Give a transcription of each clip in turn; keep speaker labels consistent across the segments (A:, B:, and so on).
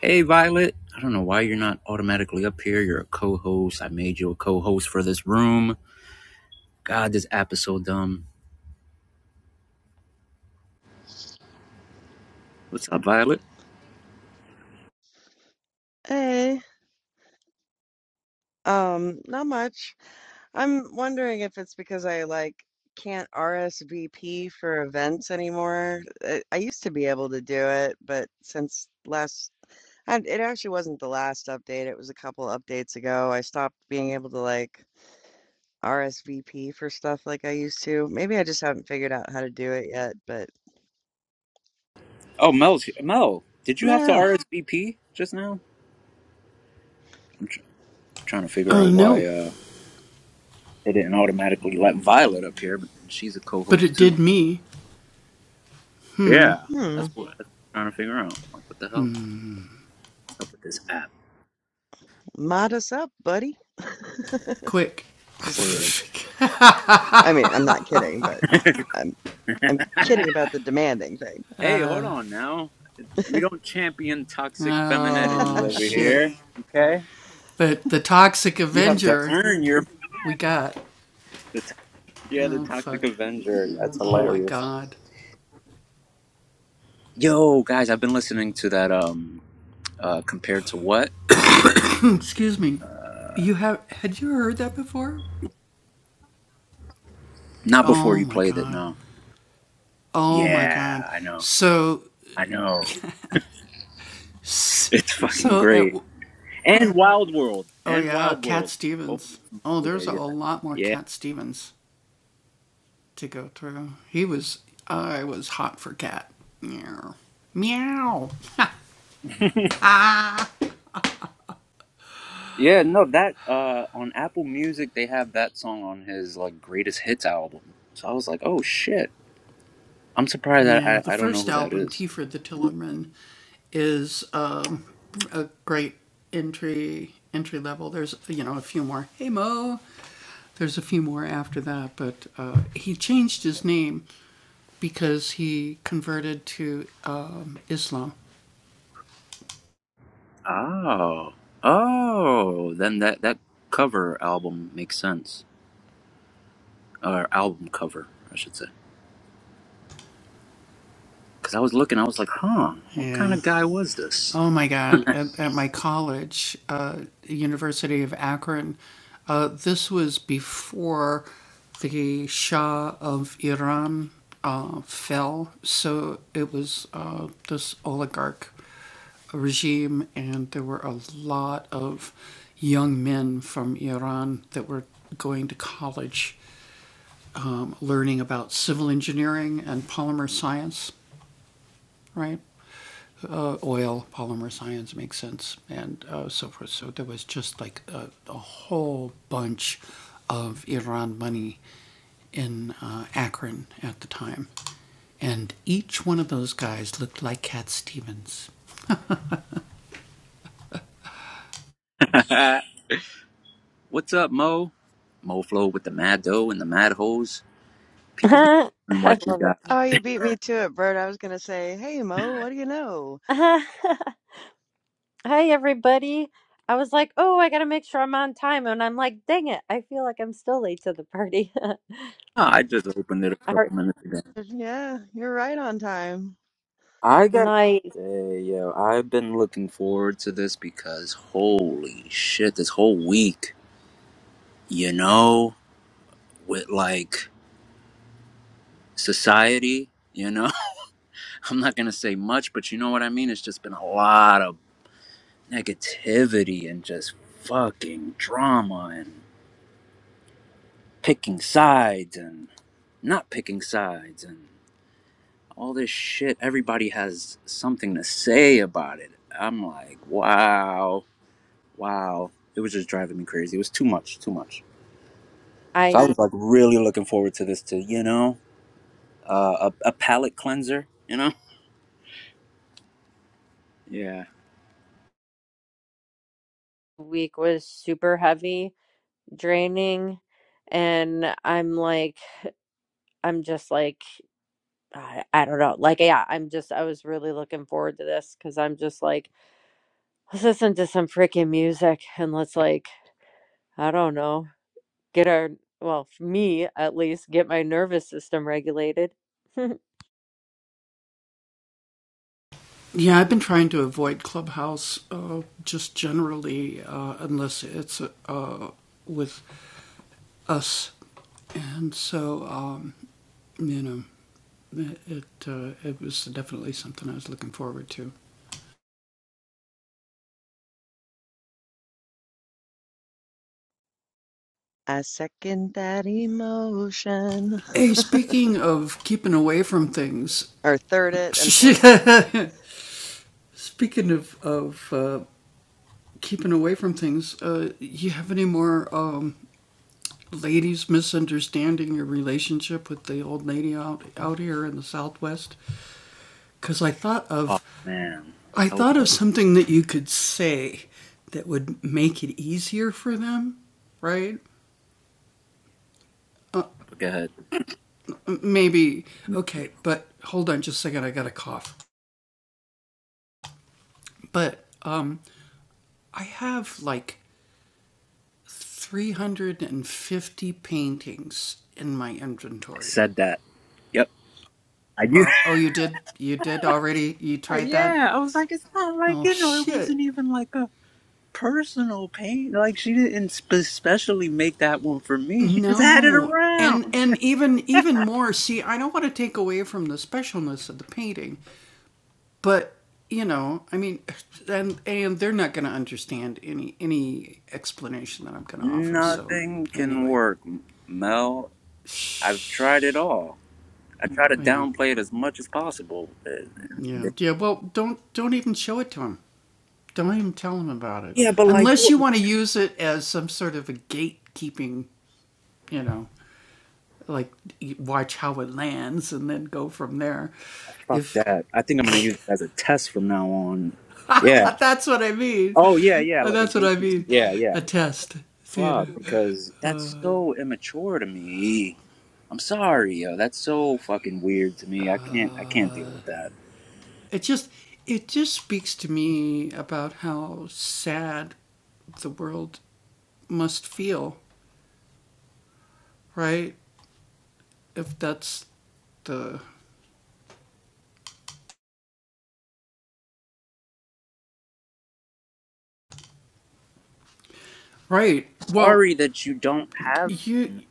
A: Hey, Violet. I don't know why you're not automatically up here. You're a co host. I made you a co host for this room. God, this app is so dumb. What's up, Violet?
B: Hey, um, not much. I'm wondering if it's because I like can't RSVP for events anymore. I, I used to be able to do it, but since last, I, it actually wasn't the last update. It was a couple updates ago. I stopped being able to like RSVP for stuff like I used to. Maybe I just haven't figured out how to do it yet, but
A: Oh, Mel's here. Mel, did you have to
B: well,
A: RSVP just now? I'm tr- trying to figure out why uh, they didn't automatically let Violet up here, but she's a co host too. Yeah.
B: hmm,
A: That's what I'm trying to figure out. Like, what the hell? What's up with this app?
B: mod us up, buddy. Just
A: Word.
B: kidding. I mean, I'm not kidding, but. I'm kidding about the demanding thing.
A: Hey, hold on now. We don't champion toxic femininity over here, okay? You have to earn your the Yeah, the Toxic Avenger. That's hilarious. Yo, guys, I've been listening to that. Um, uh, compared to what? Not before you played it. No. Yeah, I know. I know. It's fucking great. And Wild World. And Wild World. Both of those today. Yeah. Yeah. Yeah, Yeah, no, that uh on Apple Music they have that song on his like greatest hits album. So I was like, "Oh shit. I'm surprised that I I don't know who that is." Oh. Oh, then that that cover album makes sense. Or album cover, I should say. Cuz I was looking, I was like, "Huh, what kind of guy was this?" What's up, Mo? Mo Flow with the Mad Dough and the Mad Hose. People be
C: I
A: wondering why she
C: love it.
A: got.
B: Oh, you beat me to it, Bert. I was gonna say, hey Mo, what do you know?
C: Hi, everybody. I was like, oh, I got to make sure I'm on time. And I'm like, dang it. I feel like I'm still late to the party.
A: Ah, I just opened it a
C: Our
A: couple minutes ago.
B: But yeah, you're right on time.
A: I got to
C: night,
A: say, yo, I've been looking forward to this because holy shit, this whole week, you know, with like society, you know. I'm not gonna say much, but you know what I mean. It's just been a lot of negativity and just fucking drama and picking sides and not picking sides and all this shit. Everybody has something to say about it. I'm like, wow, wow. It was just driving me crazy. It was too much, too much. So I
C: I
A: was like really looking forward to this to, you know, uh, a, a palate cleanser, you know? Yeah.
C: week was super heavy, draining. And I'm like, I'm just like, I, I don't know. Like, yeah, I'm just, I was really looking forward to this because I'm just like, let's listen to some freaking music and let's like, I don't know. get our, well, for me at least, get my nervous system regulated.
B: I second that emotion. Or third it and fourth it.
A: Oh man. Hilarious. Go ahead. I said that. Yep. I do. Uh, Yeah, I was like, it's not like, you know, it wasn't even like a personal pain. Like, she didn't spe- specially make that one for me. She just had it around. Nothing can work, M- Mel. I've tried it all. I try to downplay it as much as possible. Uh, Yeah, but like, fuck that. I think I'm going to use it as a test from now on. Yeah. Oh, yeah, yeah, like a gatekeeper. Yeah, yeah. fuck because that's so immature to me. I'm sorry, yo. That's so fucking weird to me. I can't I can't deal with that. Sorry that you don't have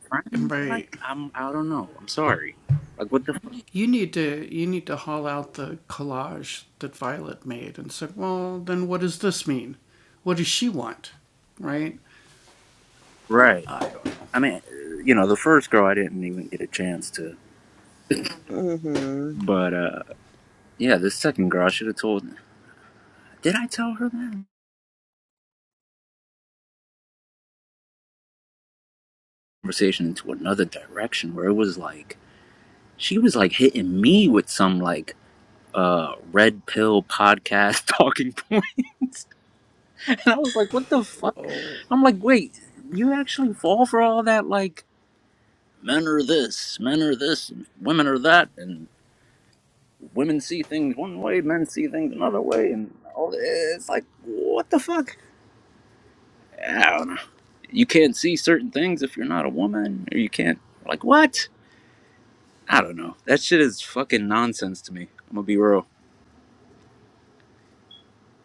A: friends. Like I'm I don't know. I'm sorry. Like what the fuck? right? I mean, uh, you know, the first girl I didn't even get a chance to,
B: Mm-hmm.
A: but uh yeah, the second girl I should have told. Did I tell her that conversation into another direction where it was like she was like hitting me with some like uh red pill podcast talking points and i was like what the fuck i'm like wait you actually fall for all that like men are this men are this and women are that and women see things one way men see things another way and all it's like what the fuck i don't know you can't see certain things if you're not a woman or you can't like what i don't know that shit is fucking nonsense to me i'm gonna be real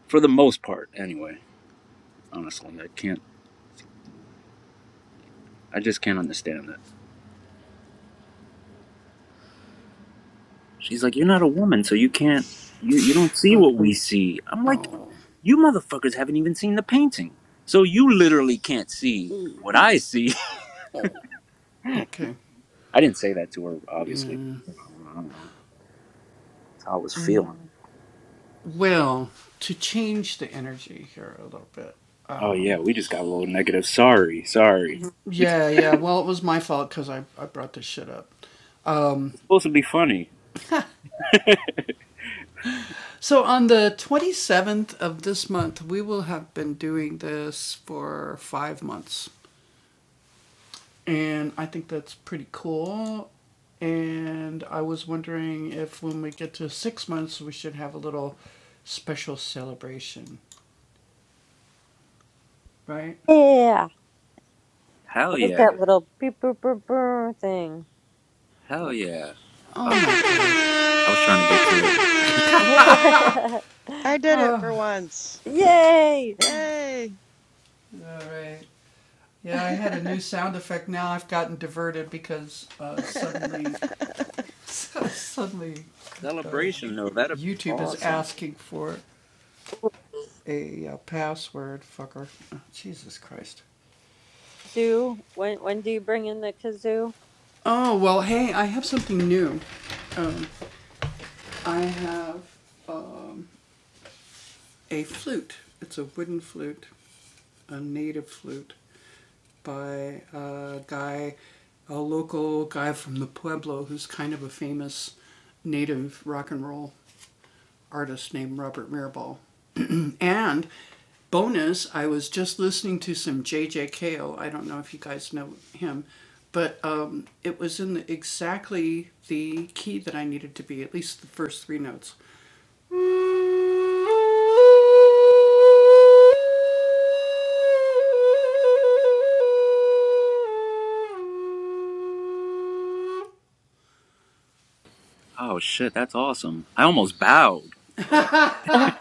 A: for the most part anyway honestly i can't i just can't understand that She's like, You're not a woman, so you can't you you don't see what we see. I'm like, You motherfuckers haven't even seen the painting. So you literally can't see what I see. I didn't say that to her, obviously. I don't know. That's how I was feeling. Oh yeah, we just got a little negative. Sorry, sorry. Mhm. It's supposed to be funny.
C: yeah.
A: Hell
C: what's
A: yeah.
C: that little beep boop boop boop thing.
A: Hell yeah. Oh I was trying to get to it.
B: I did it for once.
C: Yay!
B: Yay.
A: Celebration though, that'd be awesome.
C: Kazoo. When when do you bring in the kazoo?
D: When
A: Oh shit, that's awesome. I almost bowed. Like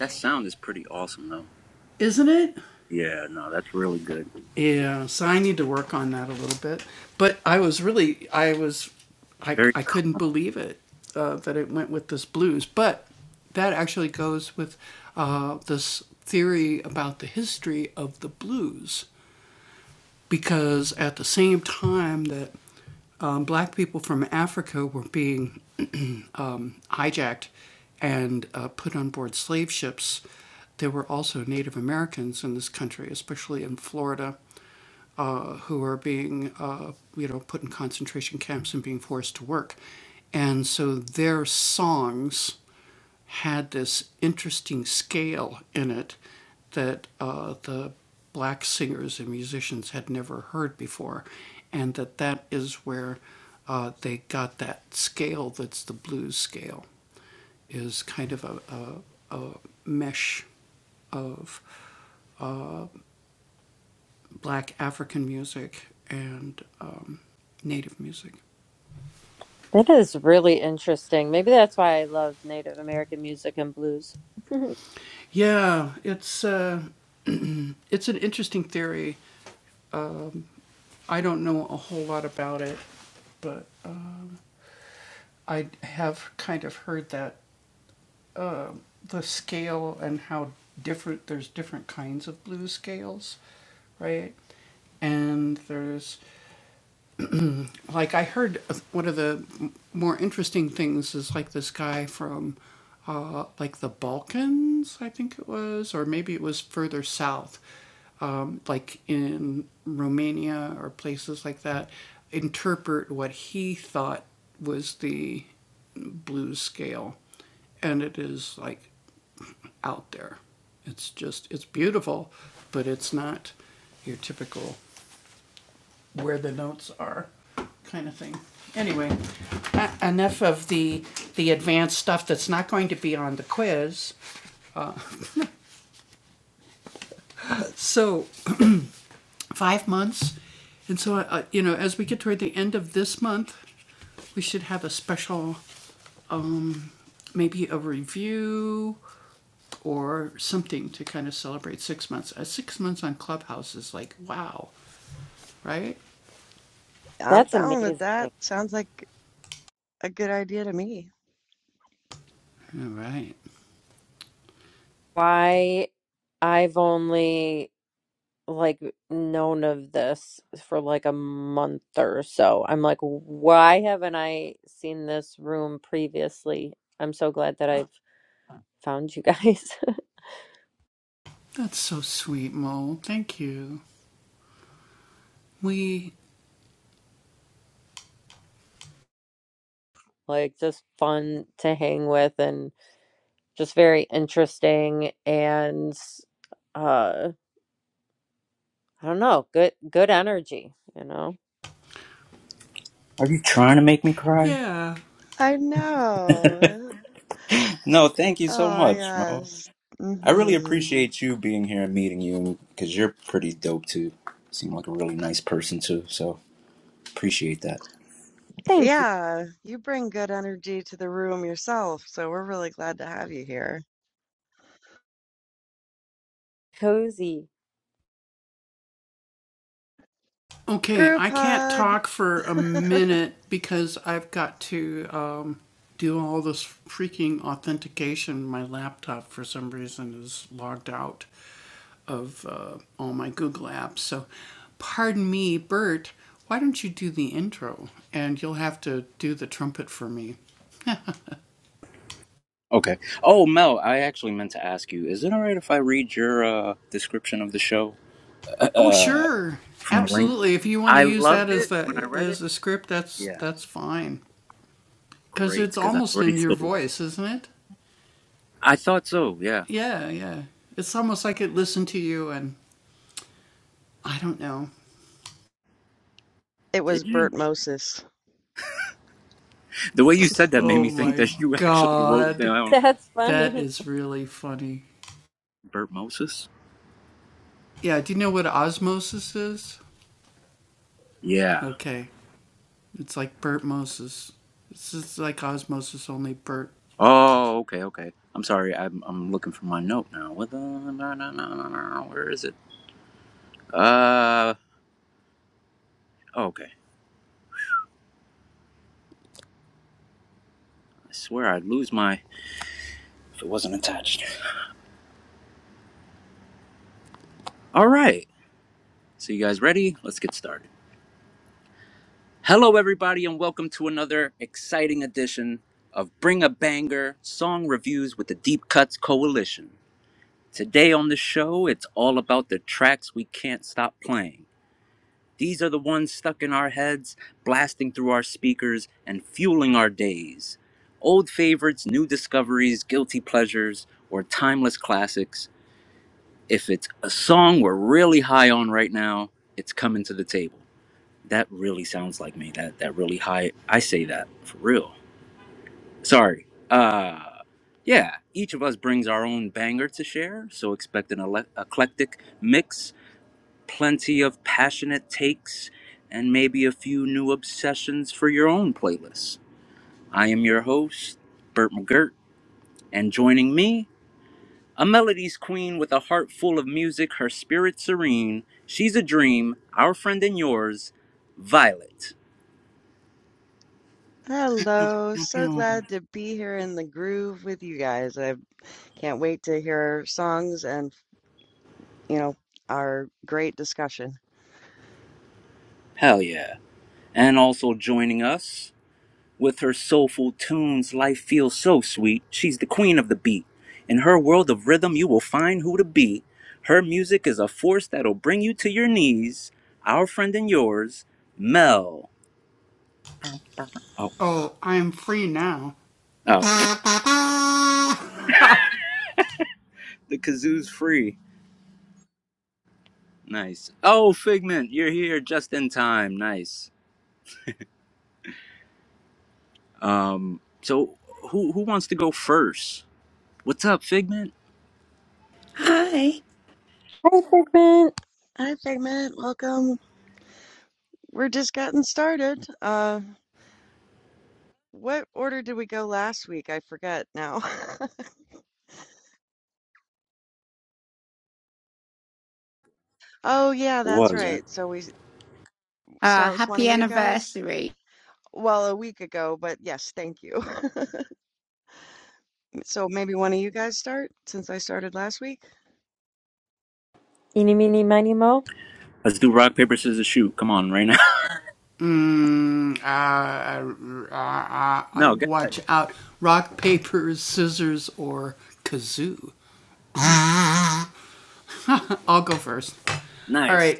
A: that sound is pretty awesome though. Yeah, no, that's really good. Very calm.
C: That is really interesting. Maybe that's why I love Native American music and blues.
B: I'm
C: That's
B: down with that.
C: amazing.
B: Sounds like a good idea to me.
C: Why I've only like known of this for like a month or so. I'm like, why haven't I seen this room previously? I'm so glad that I've found you guys. like just fun to hang with and just very interesting and uh I don't know, good good energy, you know.
A: Are you trying to make me cry?
B: I know.
A: no, thank you so
B: Oh,
A: much, Mo.
B: yes.
A: I really
B: hmm
A: appreciate you being here and meeting you because you're pretty dope too. Seem like a really nice person too, so appreciate that.
C: Thank you.
B: Yeah, you bring good energy to the room yourself, so we're really glad to have you here.
C: Cozy.
B: Group hug.
A: Okay. Oh, Mel, I actually meant to ask you. Is it all right if I read your uh, description of the show uh, from the link? I loved it when I read it. Yeah, Great, because I already stole it. I thought so. Yeah,
B: It
A: did
B: was
A: you?
B: Bert Moses.
A: The way you said that made me think that you actually wrote down
C: That's funny.
A: Bert Moses. Yeah. Oh, okay, okay. I'm sorry. I'm I'm looking for my note now. What the? No, no, no, no, no. Where is it? Uh. oh, Okay. I swear I'd lose my if it wasn't attached. All right. So you guys ready? Let's get started. Hello, everybody, and welcome to another exciting edition of Bring a Banger Song Reviews with the Deep Cuts Coalition. Today on the show, it's all about the tracks we can't stop playing. These are the ones stuck in our heads, blasting through our speakers and fueling our days. Old favorites, new discoveries, guilty pleasures, or timeless classics. If it's a song we're really high on right now, it's coming to the table. That really sounds like me. That that really high. I say that for real. Sorry. Uh yeah, each of us brings our own banger to share, so expect an ele- eclectic mix plenty of passionate takes, and maybe a few new obsessions for your own playlist. I am your host, Burt McGirt, and joining me, a melodies queen with a heart full of music, her spirit serene. She's a dream, our friend and yours, Violet.
B: Hello, so glad to be here in the groove with you guys. I can't wait to hear songs and, you know, our great discussion.
A: Hell yeah. And also joining us, With her soulful tunes, life feels so sweet. She's the queen of the beat. In her world of rhythm, you will find who to be. Her music is a force that'll bring you to your knees. Our friend and yours, Mel. Oh, oh, the kazoo's free. Nice. Oh, Figment, you're here just in time. Nice. Um, so who who wants to go first? What's up, Figment?
E: Hi.
C: Hi Figment.
B: Hi, Figment, welcome. We're just getting started. Uh, what order did we go last week? I forget now. Oh, yeah,
A: It
B: that's
A: was. Huh?
B: right. So we
E: Uh,
B: start with one
E: happy
B: of you guys?
E: anniversary.
B: Well, a week ago, but yes, thank you. So maybe one of you guys start since I started last week.
C: Eeny meeny miny mo.
A: Let's do rock paper scissors shoot. Come on, right now. No, go ahead. Nice. Nice.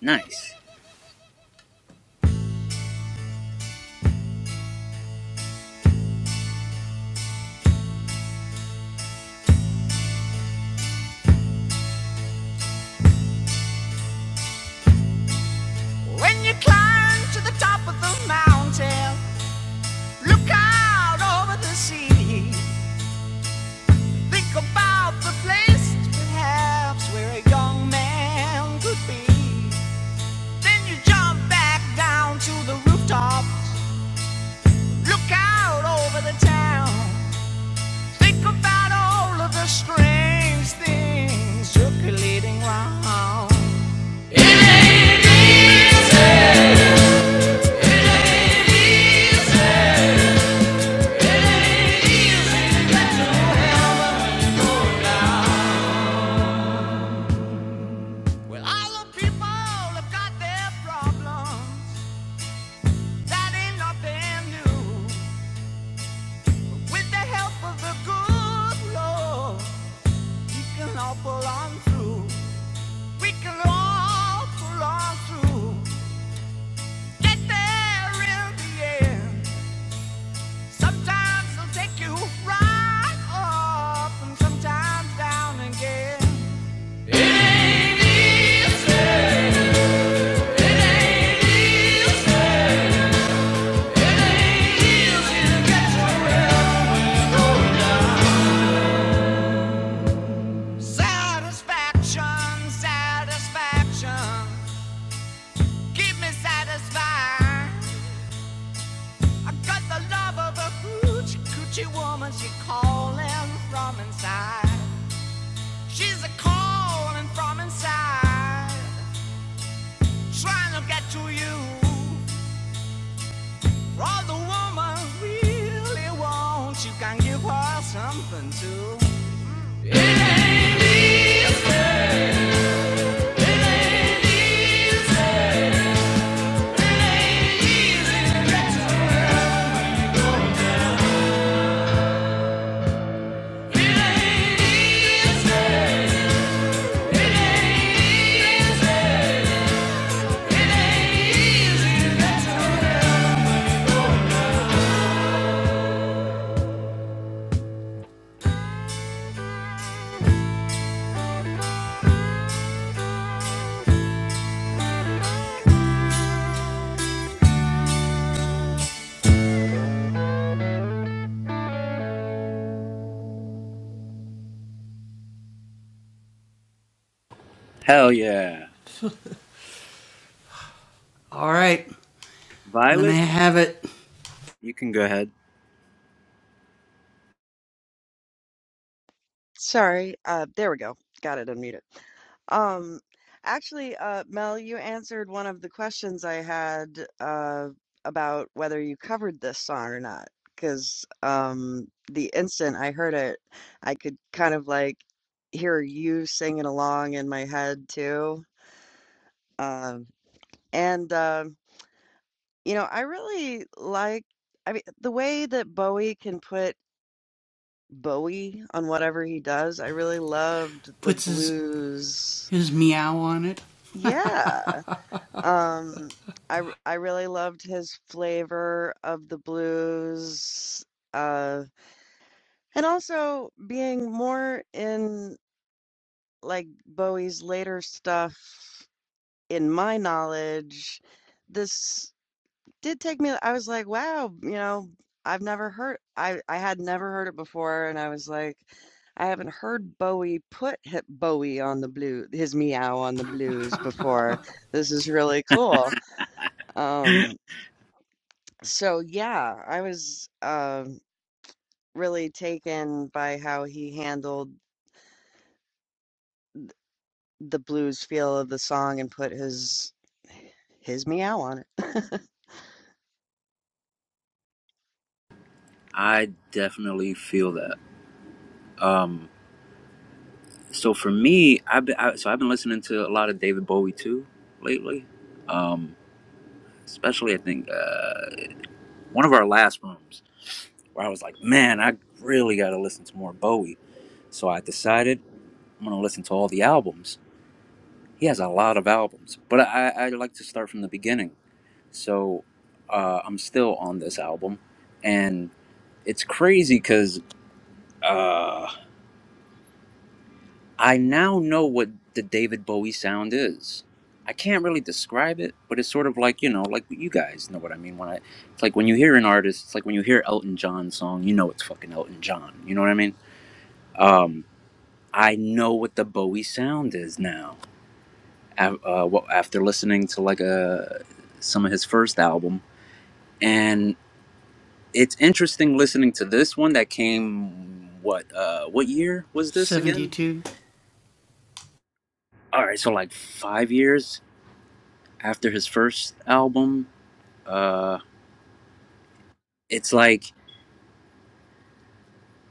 A: Nice.
D: you climb to the top of the mountain, look out over the sea. Think about the place, perhaps, where a young man could be. Then you jump back down to the rooftop, look out over the town. Think about all of the strange things circulating round. Well, all the people have got their problems. That ain't nothing new. But with the help of the good Lord, we can all pull on through. We can all pull on through. Get there in the end. Sometimes they'll take you right up, and sometimes down again. Satisfaction, satisfaction, keep me satisfied. I got the love of a hoochie coochie woman, she calling from inside. She's a calling from inside, trying to get to you. For all the woman really wants, you can give her something too.
A: Hell yeah. Violet, you can go ahead.
B: Sorry. Uh, there we go. Got it unmuted. Um, actually, uh, Mel, you answered one of the questions I had uh, about whether you covered this song or not. Because um, the instant I heard it, I could kind of like hear you singing along in my head too. Um, and um You know, I really like I mean, the way that Bowie can put Bowie on whatever he does, I really loved the blues. Yeah. Um, I r- I really loved his flavor of the blues. Uh, and also being more in like Bowie's later stuff, in my knowledge, this. did take me I was like, wow, you know, I've never heard I I had never heard it before and I was like I haven't heard Bowie put hit Bowie on the blue his meow on the blues before. This is really cool. Um so yeah, I was um really taken by how he handled the blues feel of the song and put his his meow on it.
A: I definitely feel that. Um, so for me, I've been I, so I've been listening to a lot of David Bowie too lately. Um, especially I think uh, one of our last rooms where I was like, man, I really got to listen to more Bowie. So I decided I'm gonna listen to all the albums. He has a lot of albums, but I, I like to start from the beginning. So uh, I'm still on this album, and it's crazy because. Uh, I now know what the David Bowie sound is. I can't really describe it, but it's sort of like you know, like you guys know what I mean. When I, it's like when you hear an artist, it's like when you hear Elton John song, you know it's fucking Elton John. You know what I mean? Um, I know what the Bowie sound is now. af- Uh, well, after listening to like a some of his first album, and it's interesting listening to this one that came. What uh, what year was this again? All right, so like five years, after his first album. Uh, it's like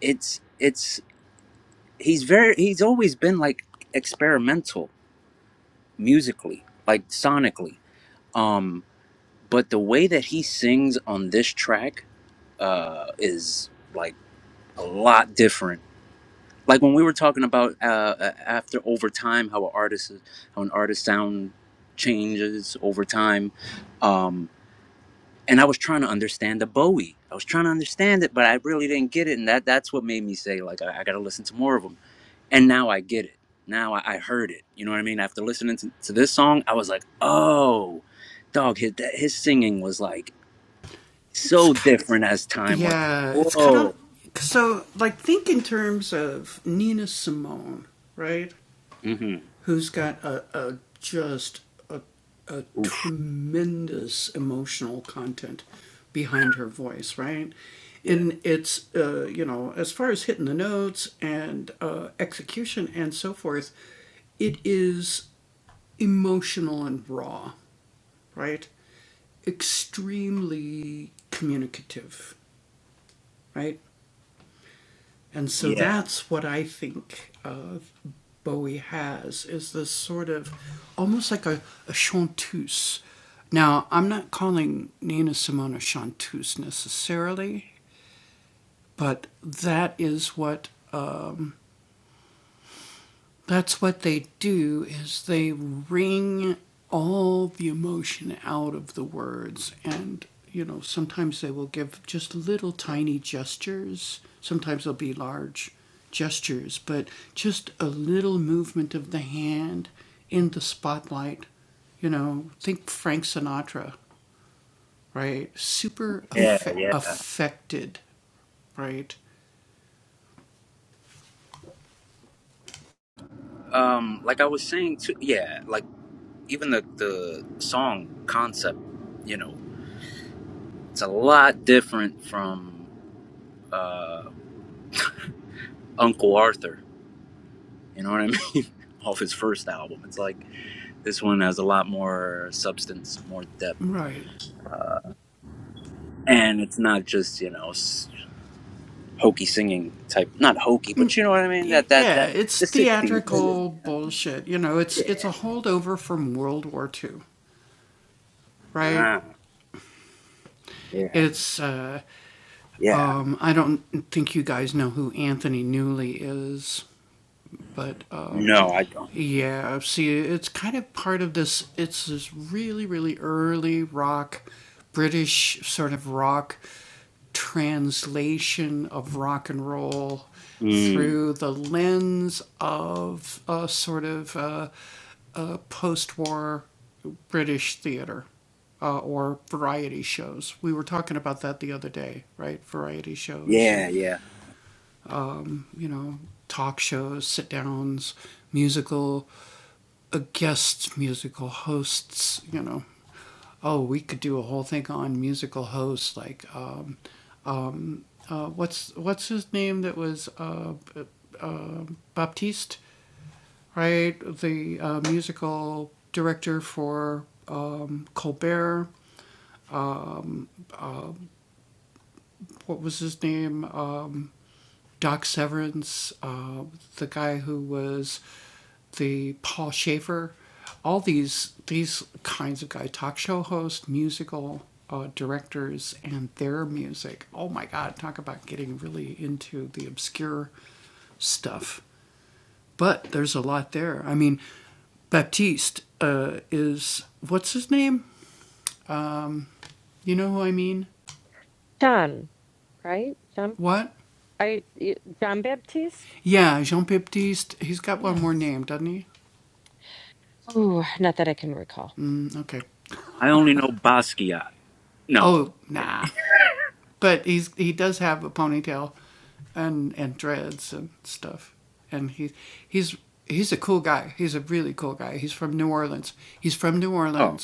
A: it's it's he's very he's always been like experimental musically, like sonically. Um, but the way that he sings on this track uh, is like a lot different. Like when we were talking about uh, uh, after over time, how an artist how an artist sound changes over time. Um, and I was trying to understand the Bowie. I was trying to understand it, but I really didn't get it, and that that's what made me say like I, I got to listen to more of them. And now I get it. Now I, I heard it. You know what I mean? After listening to, to this song, I was like, oh, dog, his that, his singing was like so different as time went. Whoa. Mm-hmm. Oof. Yeah. Yeah. Yeah. Yeah. Um, like I was saying too. Yeah. Like even the the song concept, you know, it's a lot different from. uh, Uncle Arthur. You know what I mean? Off his first album. It's like this one has a lot more substance, more depth. And it's not just, you know, hokey singing type. Not hokey, but you know what I mean? That, that, that, the 60s. Yeah. Yeah. Ah, yeah. Yeah. No, I don't. Mm. Yeah, yeah.
C: John, right? John are you- John Baptiste? Yes. Ooh, not that I can recall.
A: I only know Basquiat. No. Oh.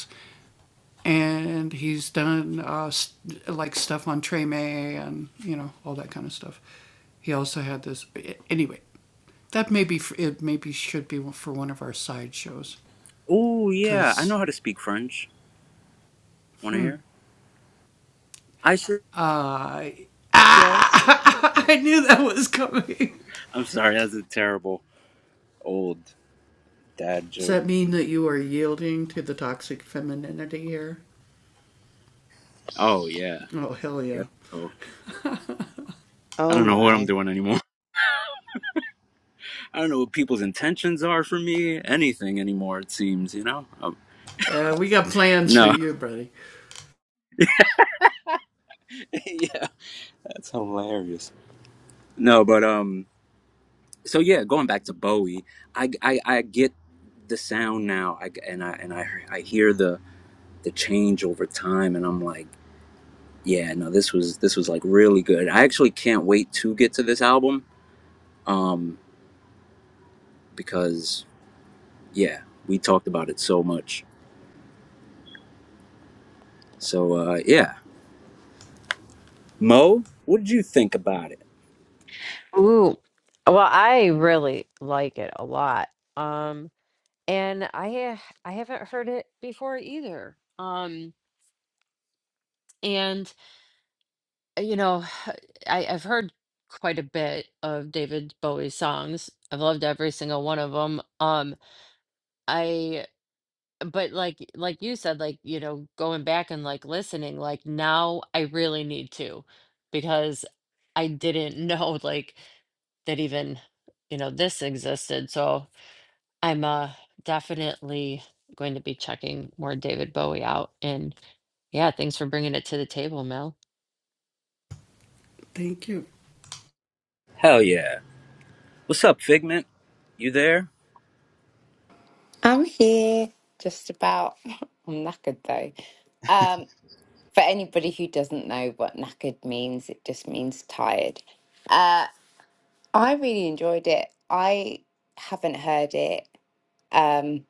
A: Oh, yeah. I know how to speak French. Want to hear? I should.
B: Yes.
A: I'm sorry. That's a terrible old dad joke. Oh, yeah. guess so. I
B: Oh
A: don't know what I'm
B: my.
A: doing anymore. I don't know what people's intentions are for me, anything anymore. It seems, you know. Um, no. yeah, that's hilarious. No, but um, so yeah, going back to Bowie, I I, I get the sound now, I, and I and I I hear the the change over time, and I'm like, yeah, no, this was this was like really good. I actually can't wait to get to this album, um, because yeah, we talked about it so much. So uh, yeah, Mo, what did you think about it?
C: Ooh. Well, I really like it a lot. Um, and I uh, I haven't heard it before either. Um, and uh, you know, I, I've heard quite a bit of David Bowie's songs. I've loved every single one of them. Um, I. but like like you said like you know going back and like listening like now i really need to because i didn't know like that even you know this existed so i'm uh definitely going to be checking more david bowie out and yeah thanks for bringing it to the table mel
A: Hell yeah. What's up, Figment? You there?
E: I'm here just about. I'm knackered though. Um, for anybody who doesn't know what knackered means, it just means tired. Uh, I really enjoyed it. I haven't heard it. Um,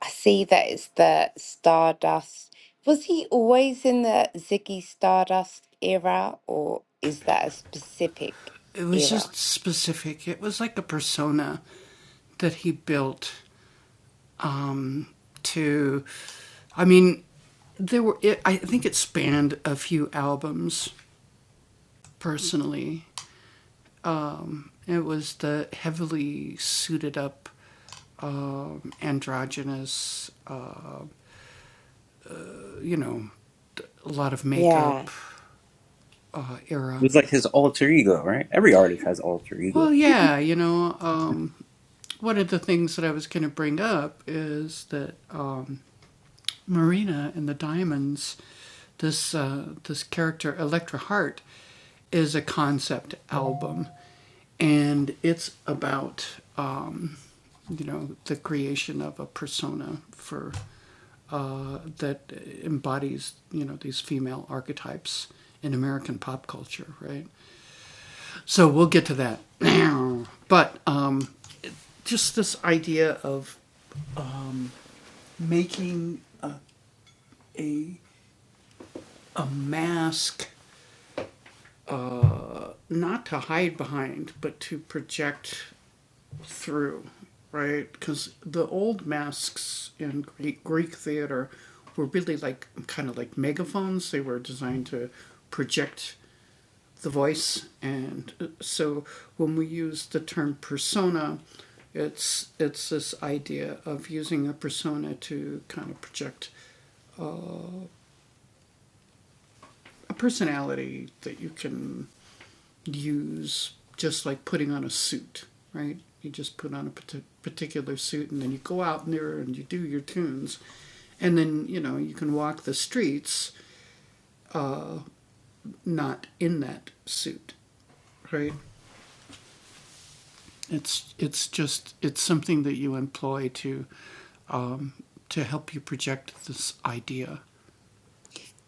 E: I see that it's the Stardust. Was he always in the Ziggy Stardust era, or is that a specific era? Yeah.
A: It was like his alter ego, right? Every artist has alter ego.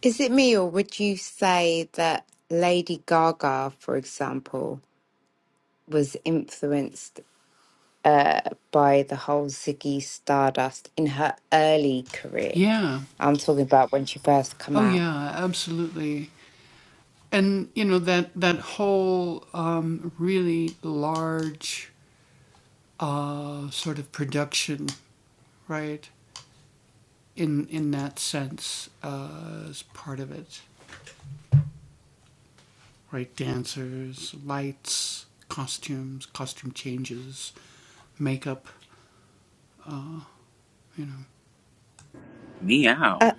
E: Is it me, or would you say that Lady Gaga, for example, was influenced uh, by the whole Ziggy Stardust in her early career? I'm talking about when she first come out.
A: Meow.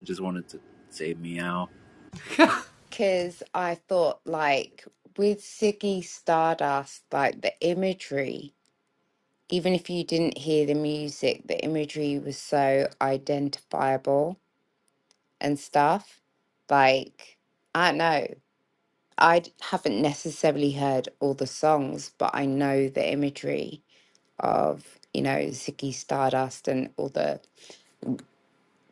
A: I just wanted to say meow.
E: Because I thought, like, with Ziggy Stardust, like the imagery, even if you didn't hear the music, the imagery was so identifiable and stuff. Like, I don't know. I d- haven't necessarily heard all the songs, but I know the imagery of, you know, Ziggy Stardust and all the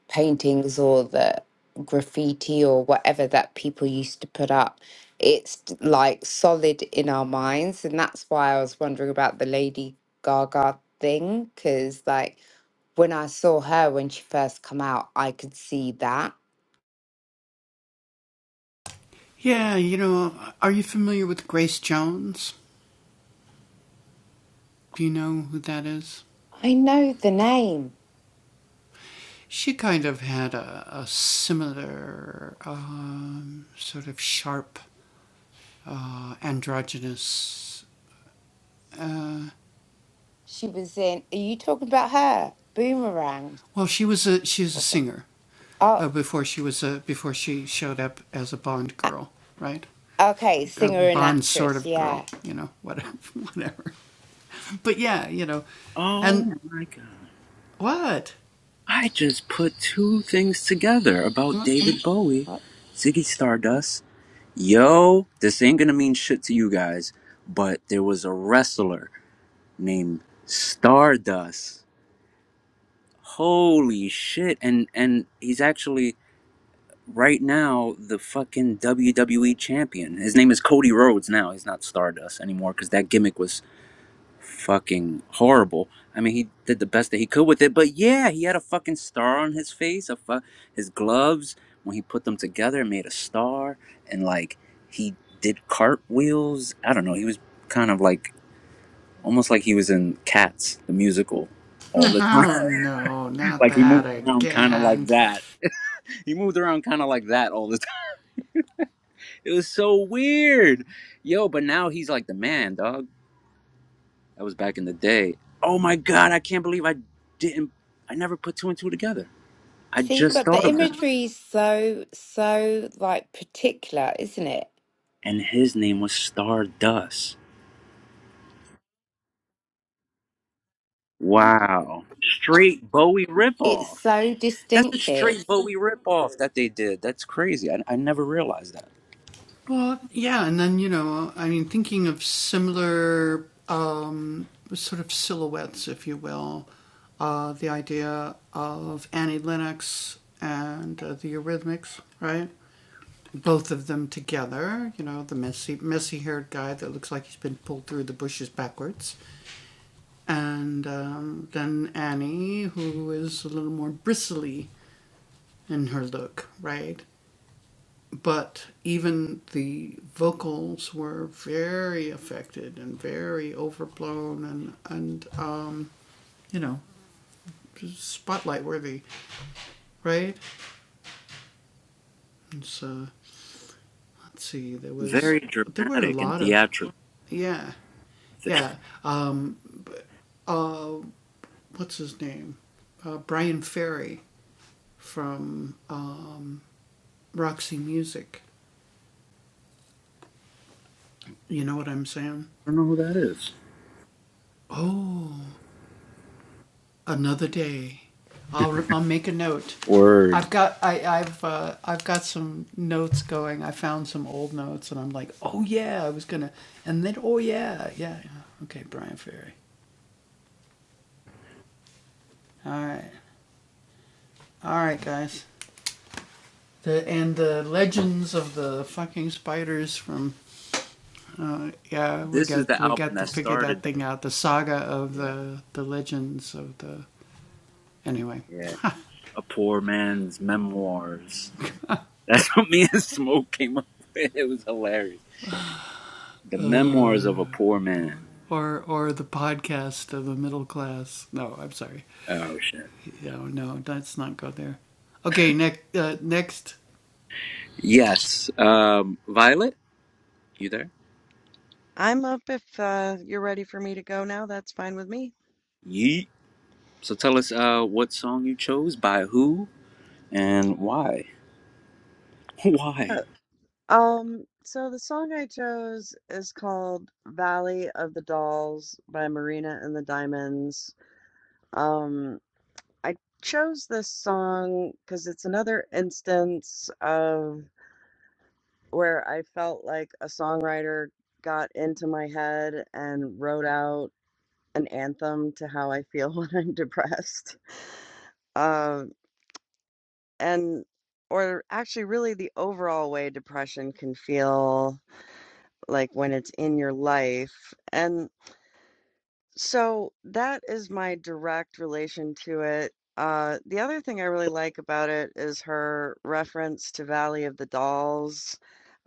E: paintings or the graffiti or whatever that people used to put up. It's d- like solid in our minds. And that's why I was wondering about the Lady Gaga thing, because like when I saw her when she first come out, I could see that. I know the name. She was in, are you talking about her? Boomerang or something? Oh, a- okay, singer and actress, yeah.
A: Oh my god. I just put two things together about David Bowie,
E: Oh.
A: Ziggy Stardust. Yo, this ain't gonna mean shit to you guys, but there was a wrestler named Stardust. Holy shit. And and he's actually right now the fucking WWE champion. His name is Cody Rhodes now. He's not Stardust anymore because that gimmick was fucking horrible. I mean, he did the best that he could with it, but yeah, he had a fucking star on his face, a fu- his gloves when he put them together it made a star, and like he did cartwheels. I don't know. He was kind of like almost like he was in Cats the musical all the time. like he moved around kind of like that. He moved around kind of like that all the It was so weird. Yo, but now he's like the man, dog. That was back in the day. Oh my god, I can't believe I didn't I never put two and two together. I
E: See,
A: just
E: but
A: thought
E: the
A: of that.
E: imagery is so, so like particular, isn't it?
A: And his name was Stardust. Wow. Straight Bowie
E: It's
A: ripoff.
E: so
A: That's a
E: distinctive.
A: straight Bowie ripoff that they did. That's crazy. I, I never realized that. Very dramatic and theatrical. I don't know who that is. Word. This is the album that started that. Yeah, yeah. A poor man's memoirs. That's what me and Smoke came up with. It was hilarious. The memoirs of a poor man. Oh shit. Yes. Um, Violet, you there?
B: I'm up if uh, you're ready for me to go now. That's fine with me.
A: Yeet. So tell us uh, what song you chose, by who, and why. why?
B: Um, so the song I chose is called Valley of the Dolls by Marina and the Diamonds. Um, I chose this song because it's another instance of where I felt like a songwriter got into my head and wrote out an anthem to how I feel when I'm depressed. Um, and or actually really the overall way depression can feel like when it's in your life. And So that is my direct relation to it. Uh, the other thing I really like about it is her reference to Valley of the Dolls.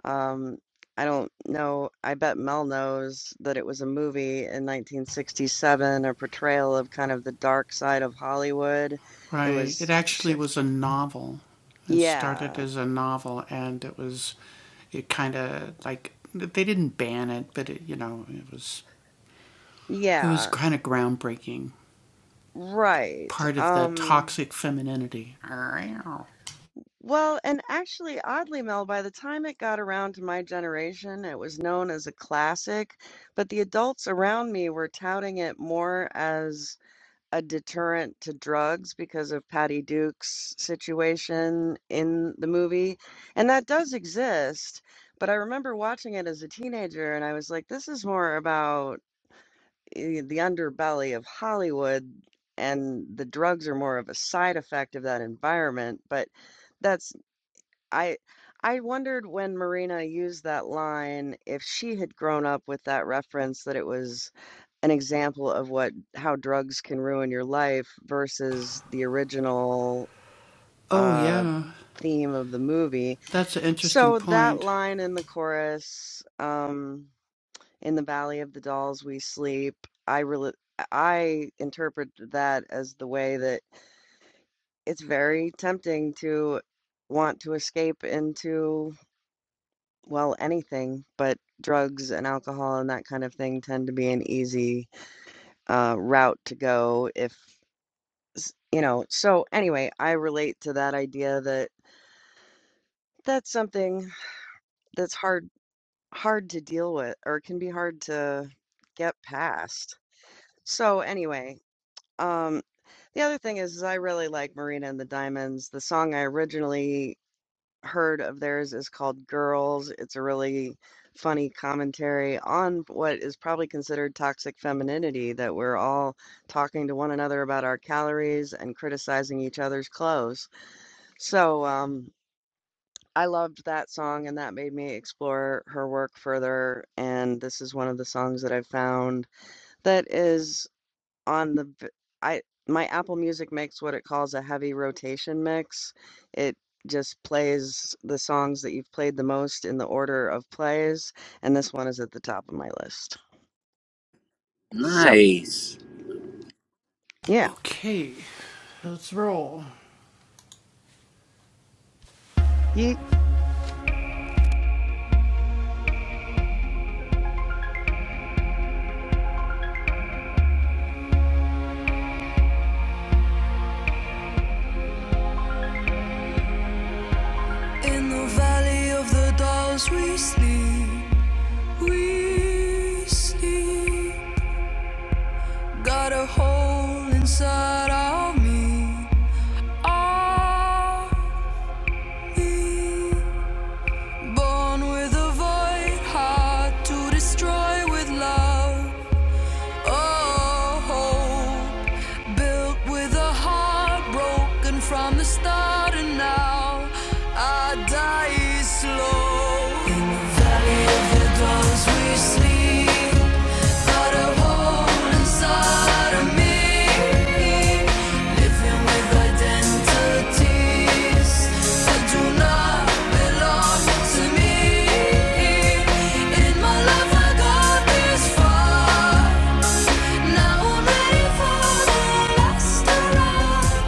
B: Um, I don't know, I bet Mel knows that it was a movie in 1967, a portrayal of kind of the dark side of Hollywood. It was, sh yeah, yeah, right. Um, Well, and actually, oddly, Mel, by the time it got around to my generation, it was known as a classic, but the adults around me were touting it more as a deterrent to drugs because of Patty Duke's situation in the movie. And that does exist, but I remember watching it as a teenager and I was like, this is more about eh, the underbelly of Hollywood, and the drugs are more of a side effect of that environment. But that I I wondered when Marina used that line if she had grown up with that reference that it was an example of what how drugs can ruin your life versus the original uh theme of the movie. So that line in the chorus, um in the valley of the dolls we sleep, I really I interpret that as the way that it's very tempting to want to escape into Well, anything, but drugs and alcohol and that kind of thing tend to be an easy uh, route to go if, s- you know. So anyway, I relate to that idea that that's something that's hard hard to deal with or can be hard to get past. So anyway, um, the other thing is, is I really like Marina and the Diamonds. The song I originally heard of theirs is called Girls. It's a really funny commentary on what is probably considered toxic femininity that we're all talking to one another about our calories and criticizing each other's clothes. So, um, I loved that song and that made me explore her work further. And this is one of the songs that I've found that is on the v- I my Apple Music makes what it calls a heavy rotation mix. It just plays the songs that you've played the most in the order of plays, and this one is at the top of my list. So
A: Nice.
B: yeah, yeet
D: In the valley of the dolls we sleep, we sleep. Got a hole inside of me, of me. Born with a void, hard to destroy with love. Oh, built with a heart broken from the start, and now I die slow. In the valley of the dolls, we sleep.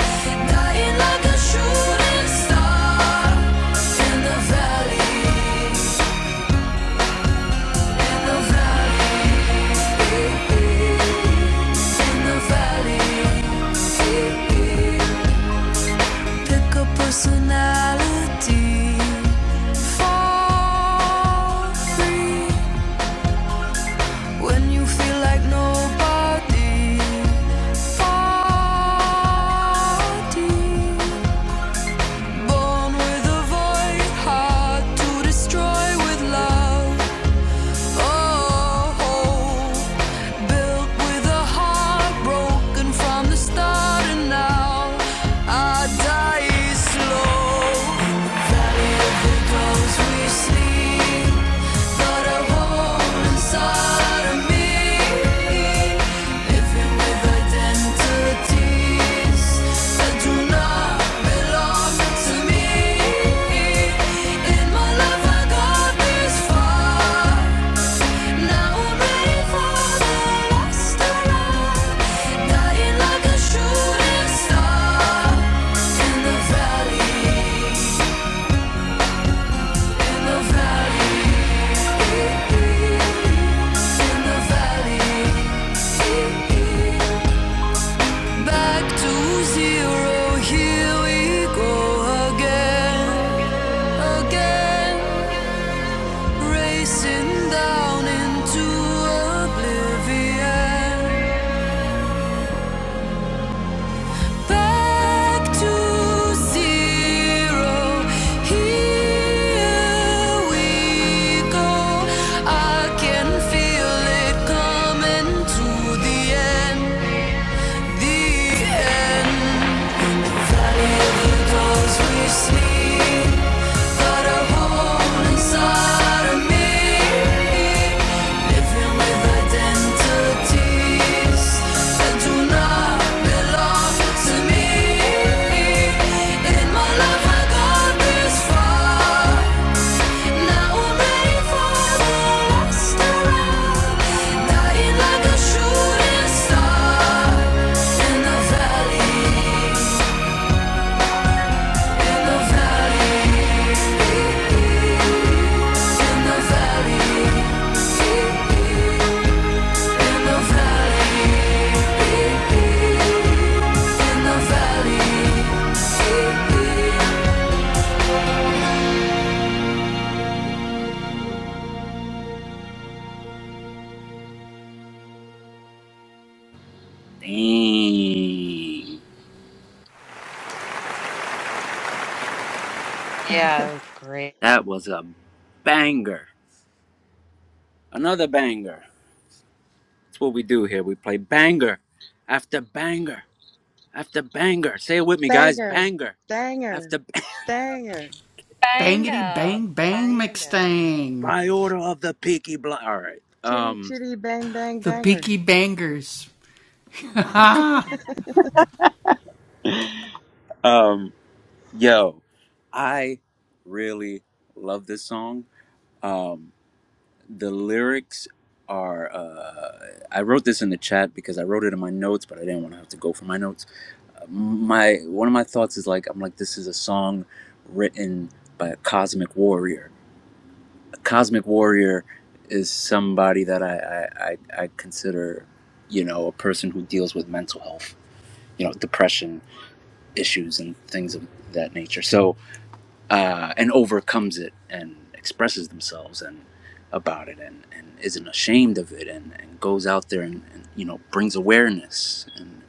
D: Dying like a shooting star in the valley. Pick a personality for free when you feel like nobody. Party born with a void, hard to destroy with love. Oh, built with a heart broken from the start, and now I die slow. valley of the ghosts we sleep, but a hole inside of me, living with identities that do not belong to me. In my life I got this far. Now I'm ready for the last alarm. Dying like a shooting star. In the valley, in the valley, in the valley. Back to zero, here we go again, again. Racing down into oblivion. Back to zero. Here we go. I can feel it coming to the end. The end. The the dolls we sleep got a hole inside of me. Living with identities that do not belong Shooting star in the valley
A: Dang.
C: Yeah, it was great.
A: That was a banger. Another banger. That's what we do here. We play banger after banger after banger. Say it with me, guys.
B: banger,
A: Banger
B: banger,
A: after b-
B: banger,
C: Banga, banga.
A: by order of the Peaky Blind. All right.
B: chitty
A: Um.
B: chitty bang bang banger.
A: Um. Yo, I really love this song. Um. the lyrics are uh, i wrote this in the chat because i wrote it in my notes but i didn't want to have to go for my notes Uh, my one of my thoughts is like i'm like this is a song written by a cosmic warrior a cosmic warrior is somebody that i i i, I consider you know a person who deals with mental health you know depression issues and things of that nature so uh, and overcomes it and expresses themselves and about it and, and isn't ashamed of it and, and goes out there and, and you know brings awareness and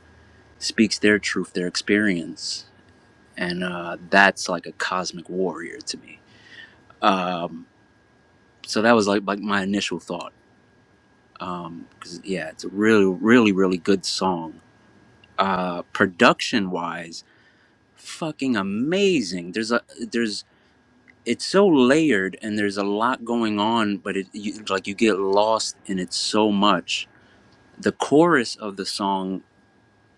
A: speaks their truth their experience and uh, that's like a cosmic warrior to me um, so that was like, like my initial thought because yeah it's a really really really good song uh, production wise fucking amazing there's a there's it's so layered and there's a lot going on but it you, like you get lost in it so much the chorus of the song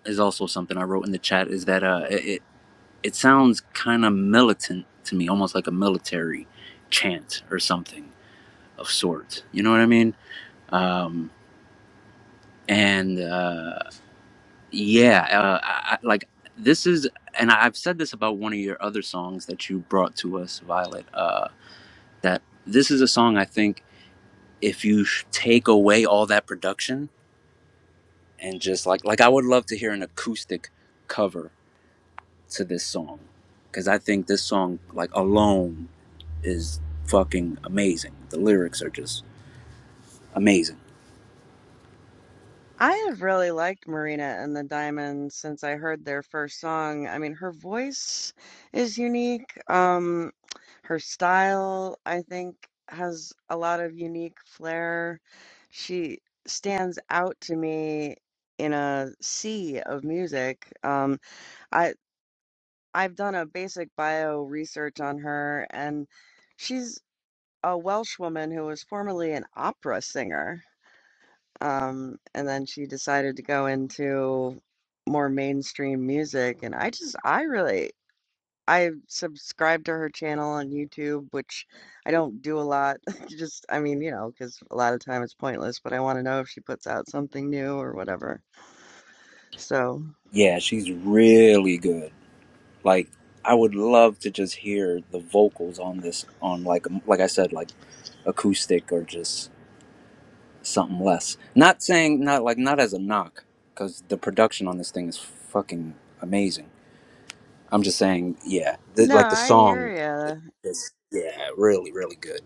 A: is also something i wrote in the chat is that uh it it, sounds kind of militant to me almost like a military chant or something of sorts you know what i mean um and uh yeah uh, I, I, like this is and i've said this about one of your other songs that you brought to us violet uh that this is a song i think if you take away all that production and just like like I would love to hear an acoustic cover to this song cuz I think this song like alone is fucking amazing. The lyrics are just amazing.
B: I have really liked Marina and the Diamonds since I heard their first song. I mean, her voice is unique. Um, her style, I think, has a lot of unique flair. She stands out to me in a sea of music. Um, I I've done a basic bio research on her, and she's a Welsh woman who was formerly an opera singer. Um, and then she decided to go into more mainstream music. And I just, I really, I subscribe to her channel on YouTube, which I don't do a lot. Just, I mean, you know, because a lot of time it's pointless, but I want to know if she puts out something new or whatever. So,
A: Yeah, she's really good. Like I would love to just hear the vocals on this on like like I said like acoustic or just something less. Not saying not like not as a knock cuz the production on this thing is fucking amazing I'm just saying, yeah, the,
B: no,
A: like the
B: I
A: song
B: hear you.
A: is yeah, really, really good.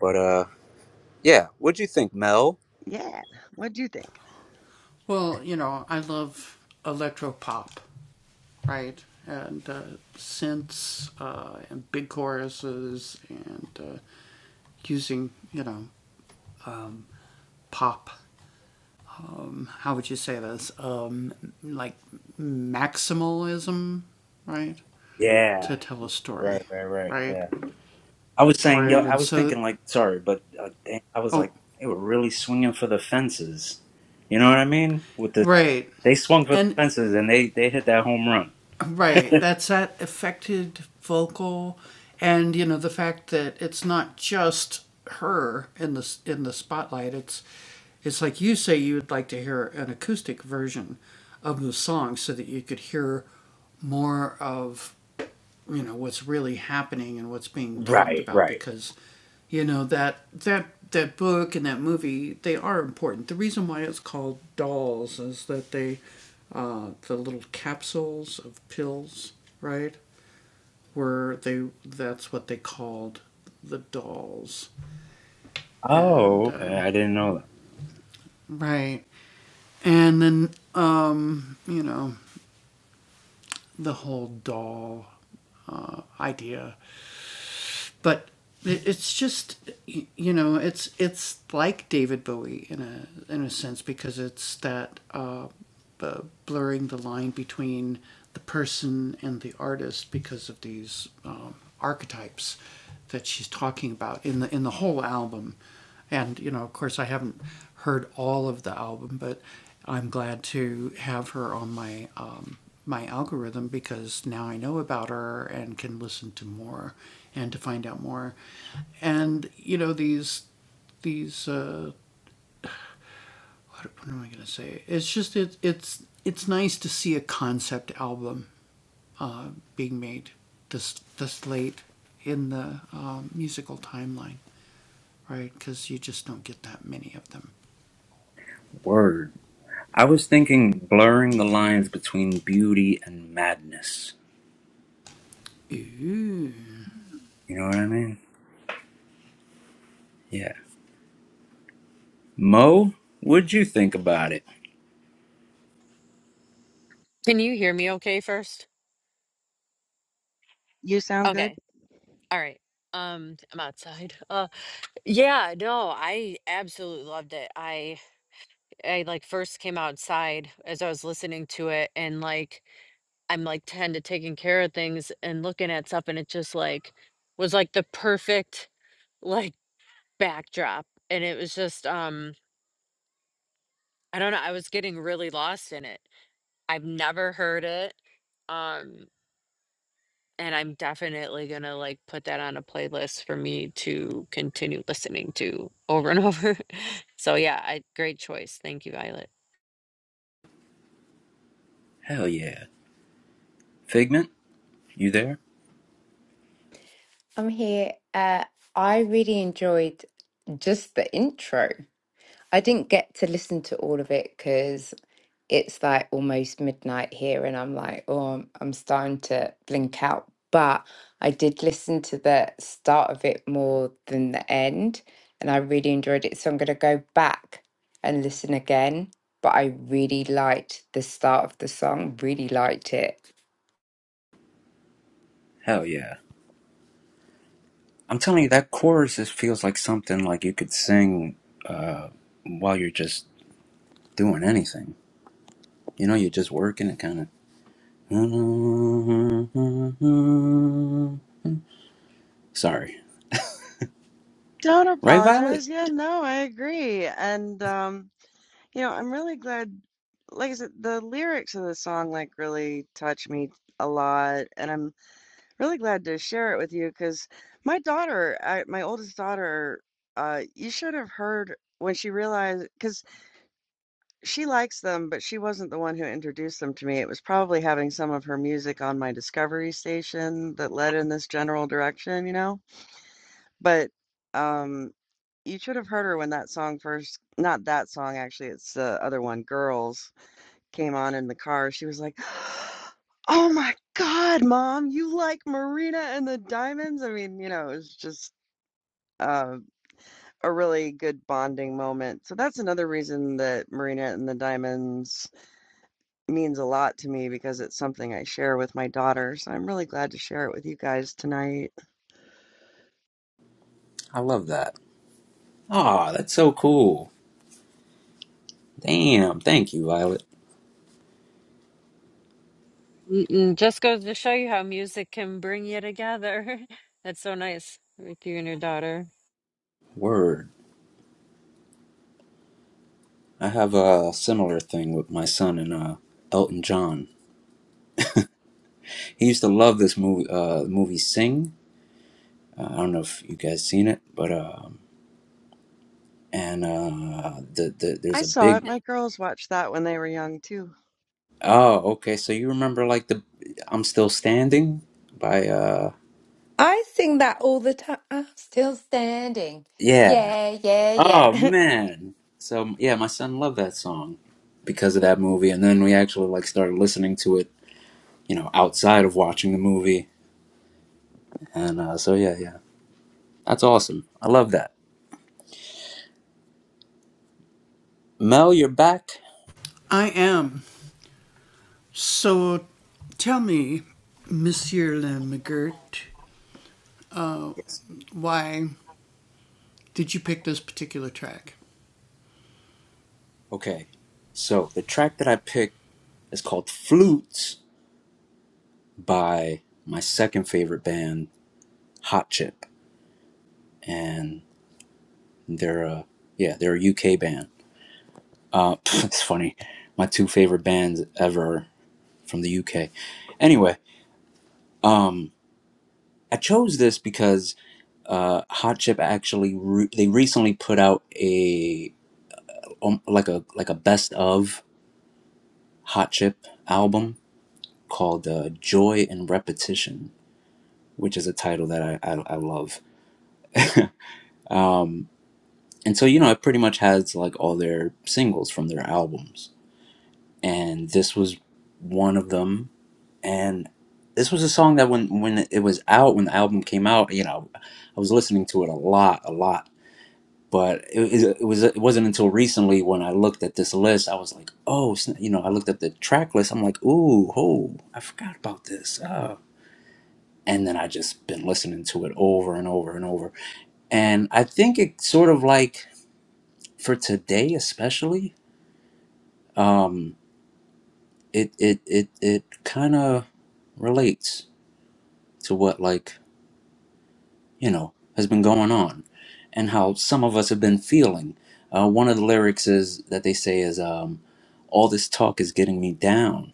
A: But uh, yeah, what'd you think, Mel?
B: Yeah. What do you think?
A: Yeah, right, right, right. Yeah, I was saying, yo, I was thinking like, sorry, but uh, damn, I was like, they were really swinging for the fences. You know what I mean? With the they swung for the fences and they they hit that home run. Right, right. Oh, okay. I didn't know that. Word. I was thinking blurring the lines between beauty and madness. You know what I mean? Yeah. Mo, what'd you think about it?
C: Can you hear me okay first?
B: You sound good.
C: Okay. All right. Um, I'm outside. Uh, yeah, no, I absolutely loved it. I I like first came outside as I was listening to it and like I'm like tend to taking care of things and looking at stuff and it just like was like the perfect like backdrop. And it was just um I don't know, I was getting really lost in it. I've never heard it. Um and I'm definitely gonna like put that on a playlist for me to continue listening to over and over. So yeah, I great choice. Thank you, Violet.
A: Hell yeah. Figment, you there?
E: I'm here. Uh, I really enjoyed just the intro. I didn't get to listen to all of it because. it's like almost midnight here and I'm like, oh, I'm, I'm starting to blink out. But I did listen to the start of it more than the end and I really enjoyed it. So I'm going to go back and listen again. But I really liked the start of the song, really liked it.
A: Hell yeah. I'm telling you, that chorus just feels like something like you could sing uh, while you're just doing anything. You know, you're just working and kind of. Sorry.
B: Don't
A: Right, Violet?
B: apologize. Yeah, no, I agree. And, um. You know, I'm really glad like I said, the lyrics of the song like really touch me a lot, and I'm really glad to share it with you because my daughter, I, my oldest daughter, uh, you should have heard when she realized because she likes them, but she wasn't the one who introduced them to me. It was probably having some of her music on my Discovery station that led in this general direction, you know. But um, you should have heard her when that song first, not that song actually, it's the other one, Girls came on in the car, she was like, "Oh my god, mom, you like Marina and the Diamonds?" I mean, you know, it was just uh, a really good bonding moment. So that's another reason that Marina and the Diamonds means a lot to me because it's something I share with my daughter. So I'm really glad to share it with you guys tonight.
A: I love that. Aw, that's so cool. Damn, thank you, Violet.
C: Mm-mm, just goes to show you how music can bring you together. That's so nice with you and your daughter.
A: Word. I have a similar thing with my son and uh, Elton John. He used to love this movie, uh, movie Sing. Uh, I don't know if you guys seen it, but um, and uh, the, the
B: I
A: there's a
B: saw it.
A: big.
B: My girls watched that when they were young too.
A: Oh, okay. So you remember like the "I'm Still Standing" by uh,
E: I sing that all the time. Uh, Still standing.
A: yeah.
E: Yeah, yeah,
A: Oh
E: yeah.
A: man. So yeah, my son loved that song because of that movie, and then we actually like started listening to it, you know, outside of watching the movie, and uh, so yeah, yeah, that's awesome. I love that. Mel, you're back. Okay, so the track that I picked is called Flutes by my second favorite band, Hot Chip. And they're a, yeah, they're a UK band. Uh, it's funny. My two favorite bands ever from the UK. Anyway, um, I chose this because uh, Hot Chip actually re- they recently put out a um, like a like a best of Hot Chip album called uh, Joy and Repetition which is a title that I I, I love. um, and so you know, it pretty much has like all their singles from their albums, and this was one of them. And this was a song that when when it was out, when the album came out, you know, I was listening to it a lot, a lot. But it, it, was it wasn't until recently when I looked at this list, I was like, oh, you know, I looked at the track list. I'm like, ooh, oh, I forgot about this. Oh. And then I just been listening to it over and over and over and I think it sort of like for today especially, um, it it it it kind of relates to what like you know has been going on, and how some of us have been feeling. Uh, one of the lyrics is that they say is um, all this talk is getting me down.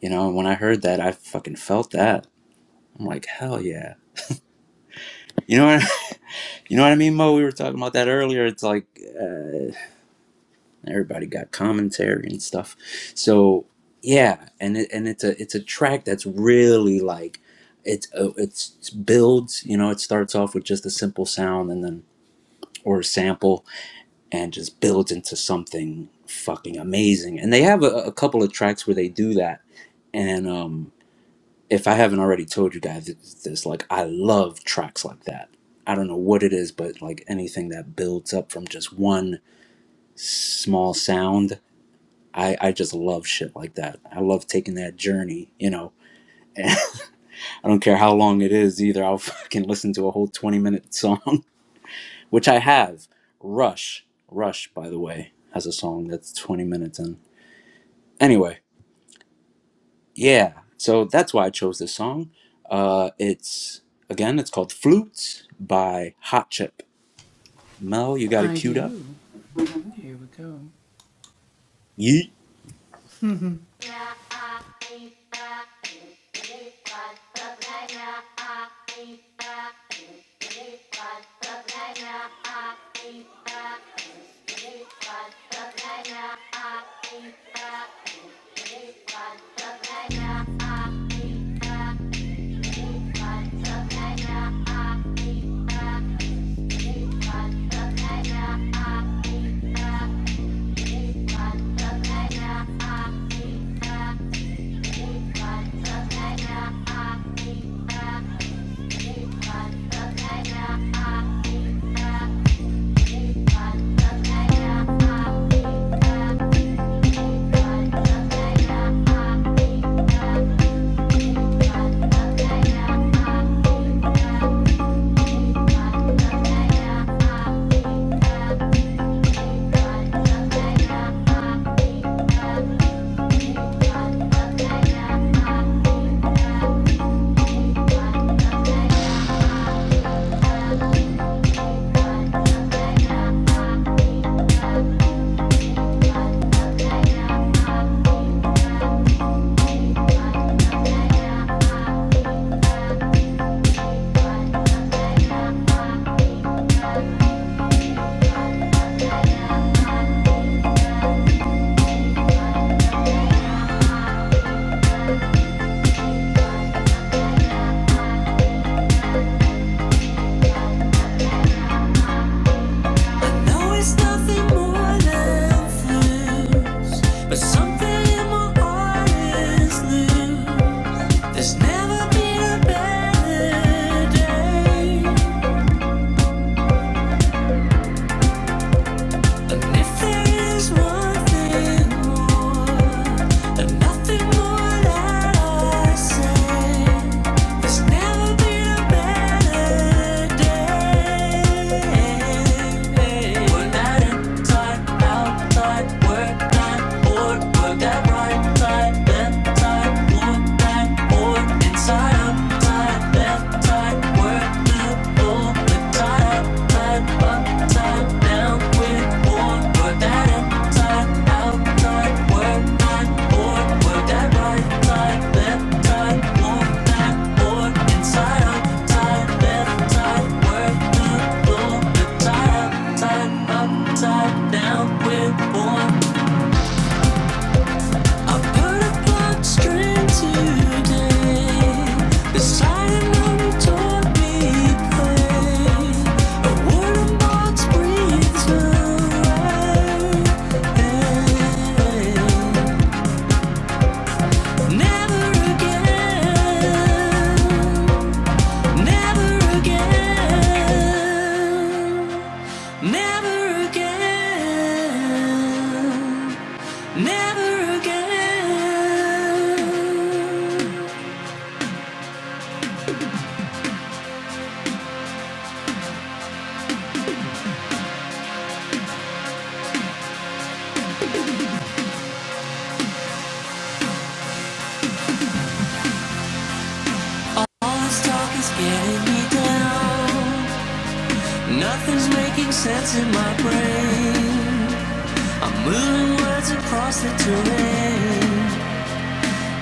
A: You know, and when I heard that, I fucking felt that. I'm like, hell yeah. You know what you know what I mean, Mo? We were talking about that earlier. It's like. uh, everybody got commentary and stuff so yeah and it, and it's a it's a track that's really like it's uh, it's it's builds you know it starts off with just a simple sound and then or a sample and just builds into something fucking amazing and they have a, a couple of tracks where they do that and um if i haven't already told you guys this like i love tracks like that i don't know what it is but like anything that builds up from just one small sound I, I just love shit like that. I love taking that journey, you know. And I don't care how long it is either. I'll fucking listen to a whole 20 minute song, which I have. Rush, Rush, by the way, has a song that's 20 minutes in. Anyway, yeah. So that's why I chose this song. Uh, it's, again, it's called Flutes by Hot Chip. Mel, you got it queued up? Yeet.
D: no, it's nothing more than flu. But something in my heart is loose. Never been a better day. And if there is one thing more, and nothing more that I say, there's never been a better day. When I not talk outside, work night, or work that right side, left side, walk back, or inside, outside, left side, work loop, all time. Upside, upside down with more. Put that inside, outside, work on board. Work that right side, left side, want that board. Inside, outside, left side, work the floor. Inside, outside, upside down with more. Never again. All this talk is getting me down. Nothing's making sense in my brain. I'm moving words across the terrain.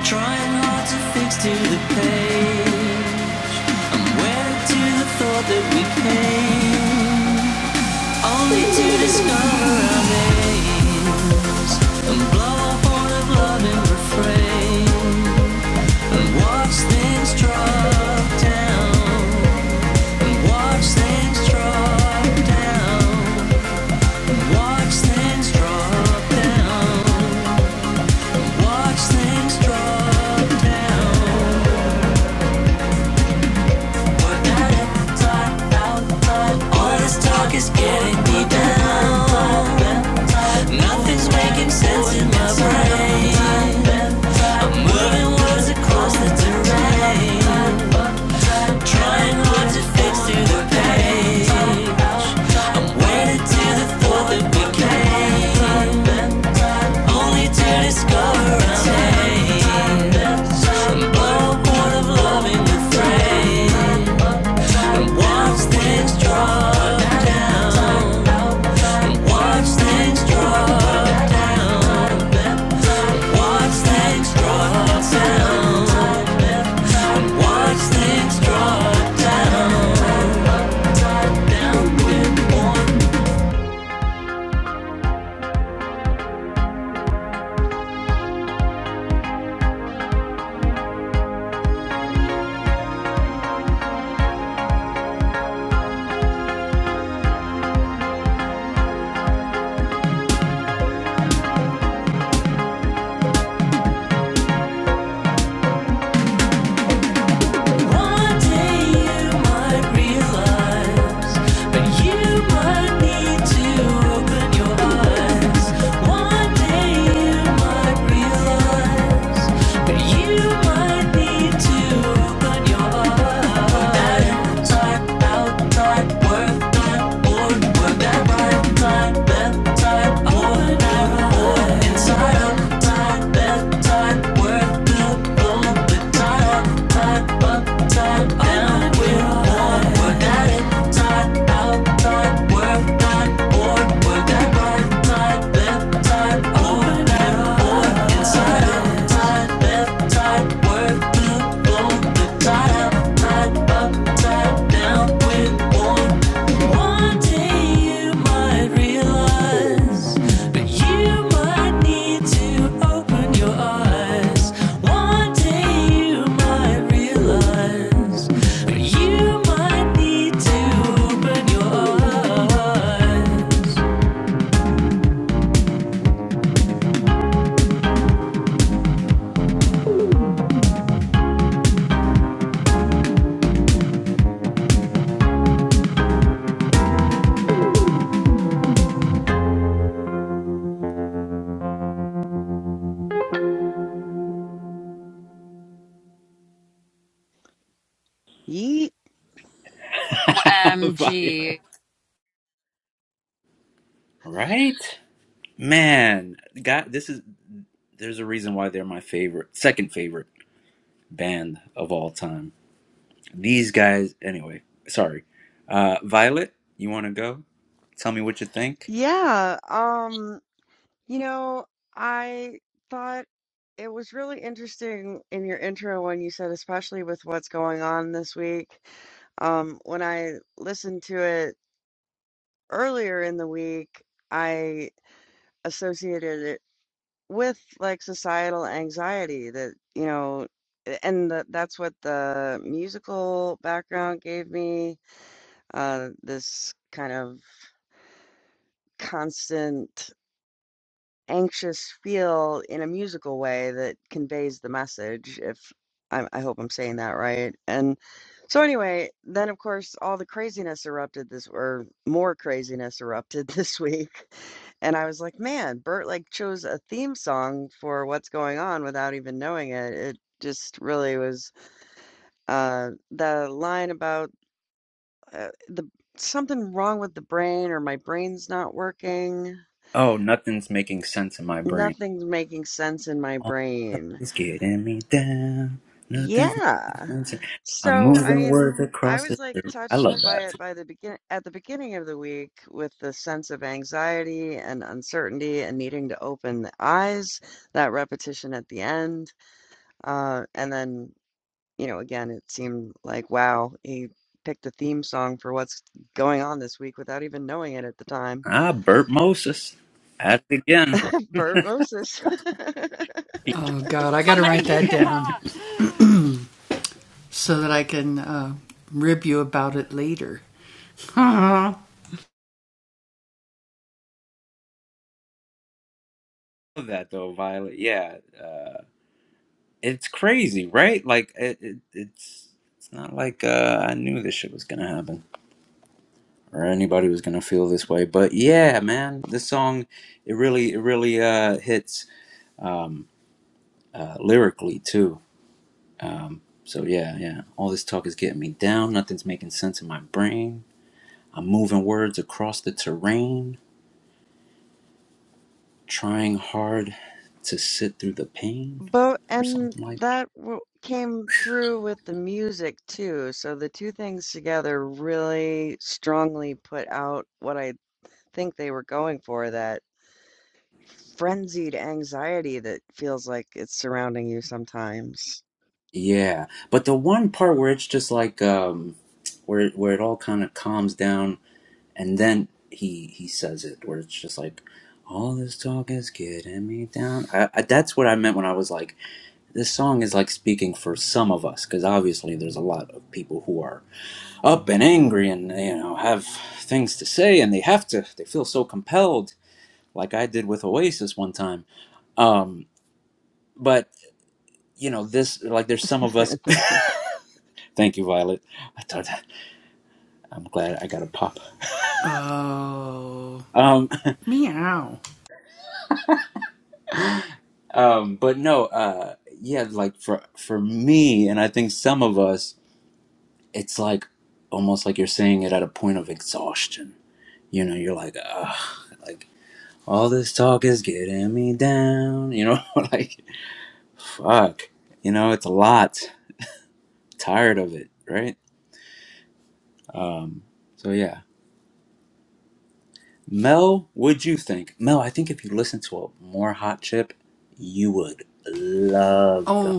D: Trying hard to fix to the pain. Where to the thought that we came? Only to discover our name. And blow up all the love and refrain. And watch things drop down. And watch things, watch things, watch things drop Work that right time, work that right time, work that right time, work that right time, One day you might realize, but you might need to open your eyes. One day you might realize, but you might need to open your eyes.
B: Yeet.
C: OMG.
A: right? Man, God, this is, there's a reason why they're my favorite, second favorite band of all time. These guys, anyway, sorry. Uh, Violet, you want to go? Tell me what you think.
B: Yeah. Um You know, I thought it was really interesting in your intro when you said, especially with what's going on this week. Um, when I listened to it earlier in the week, I associated it with like societal anxiety that, you know, and the, that's what the musical background gave me, uh, this kind of constant. anxious feel in a musical way that conveys the message if I, I hope i'm saying that right and so anyway then of course all the craziness erupted this or more craziness erupted this week and i was like man bert like chose a theme song for what's going on without even knowing it it just really was uh the line about uh, the something wrong with the brain or my brain's not working
A: Oh, nothing's making sense in my brain.
B: nothing's making sense in my
A: All this stuff
B: brain
A: is getting me down. Nothing's
B: Yeah.
A: making sense. I'm
B: So, I
A: moving
B: mean,
A: words
B: I
A: across the.
B: was like
A: street. I
B: touched
A: love
B: by
A: that.
B: it by the begin at the beginning of the week with the sense of anxiety and uncertainty and needing to open the eyes, that repetition at the end. Uh, and then, you know, again, it seemed like, wow, he picked a theme song for what's going on this week without even knowing it at the time.
A: Ah, Bert Moses. At it again.
B: Bert Moses.
A: You
C: Oh my yeah.
A: love that though, Violet. Yeah, uh, it's crazy, right? Like it, it, it's it's not like uh, I knew this shit was gonna happen. or anybody was gonna feel this way. But yeah, man, this song it really it really uh, hits um, uh, lyrically too. Um, so yeah, yeah, all this talk is getting me down. Nothing's making sense in my brain. I'm moving words across the terrain, trying hard to sit through the pain,
B: But
A: or
B: and
A: something like. that.
B: that w- came through with the music too. So the two things together really strongly put out what I think they were going for, that frenzied anxiety that feels like it's surrounding you sometimes.
A: Yeah, but the one part where it's just like um, where where it all kind of calms down and then he he says it where it's just like all this talk is getting me down I, I, that's what i meant when i was like this song is like speaking for some of us because obviously there's a lot of people who are up and angry and you know have things to say and they have to they feel so compelled like i did with oasis one time um but you know this like there's some of us thank you violet i thought i'm glad i got a pop Um, um, but no, uh, yeah, like for for me, and I think some of us, it's like almost like you're saying it at a point of exhaustion. You know, you're like, Ugh, like all this talk is getting me down. You know, like fuck. You know, it's a lot. Tired of it, right? Um, so yeah, Mel, would you think? Mel, I think if you listen to a more hot chip, you would love them.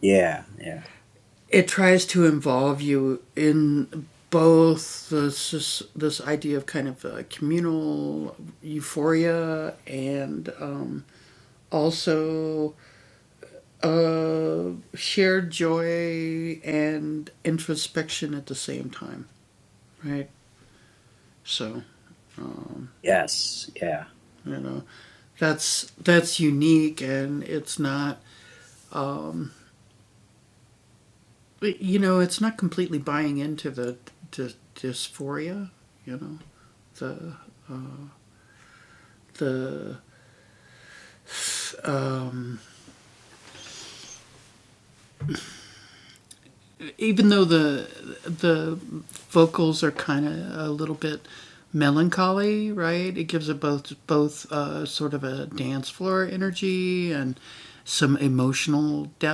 A: Yeah, yeah, yes, yeah.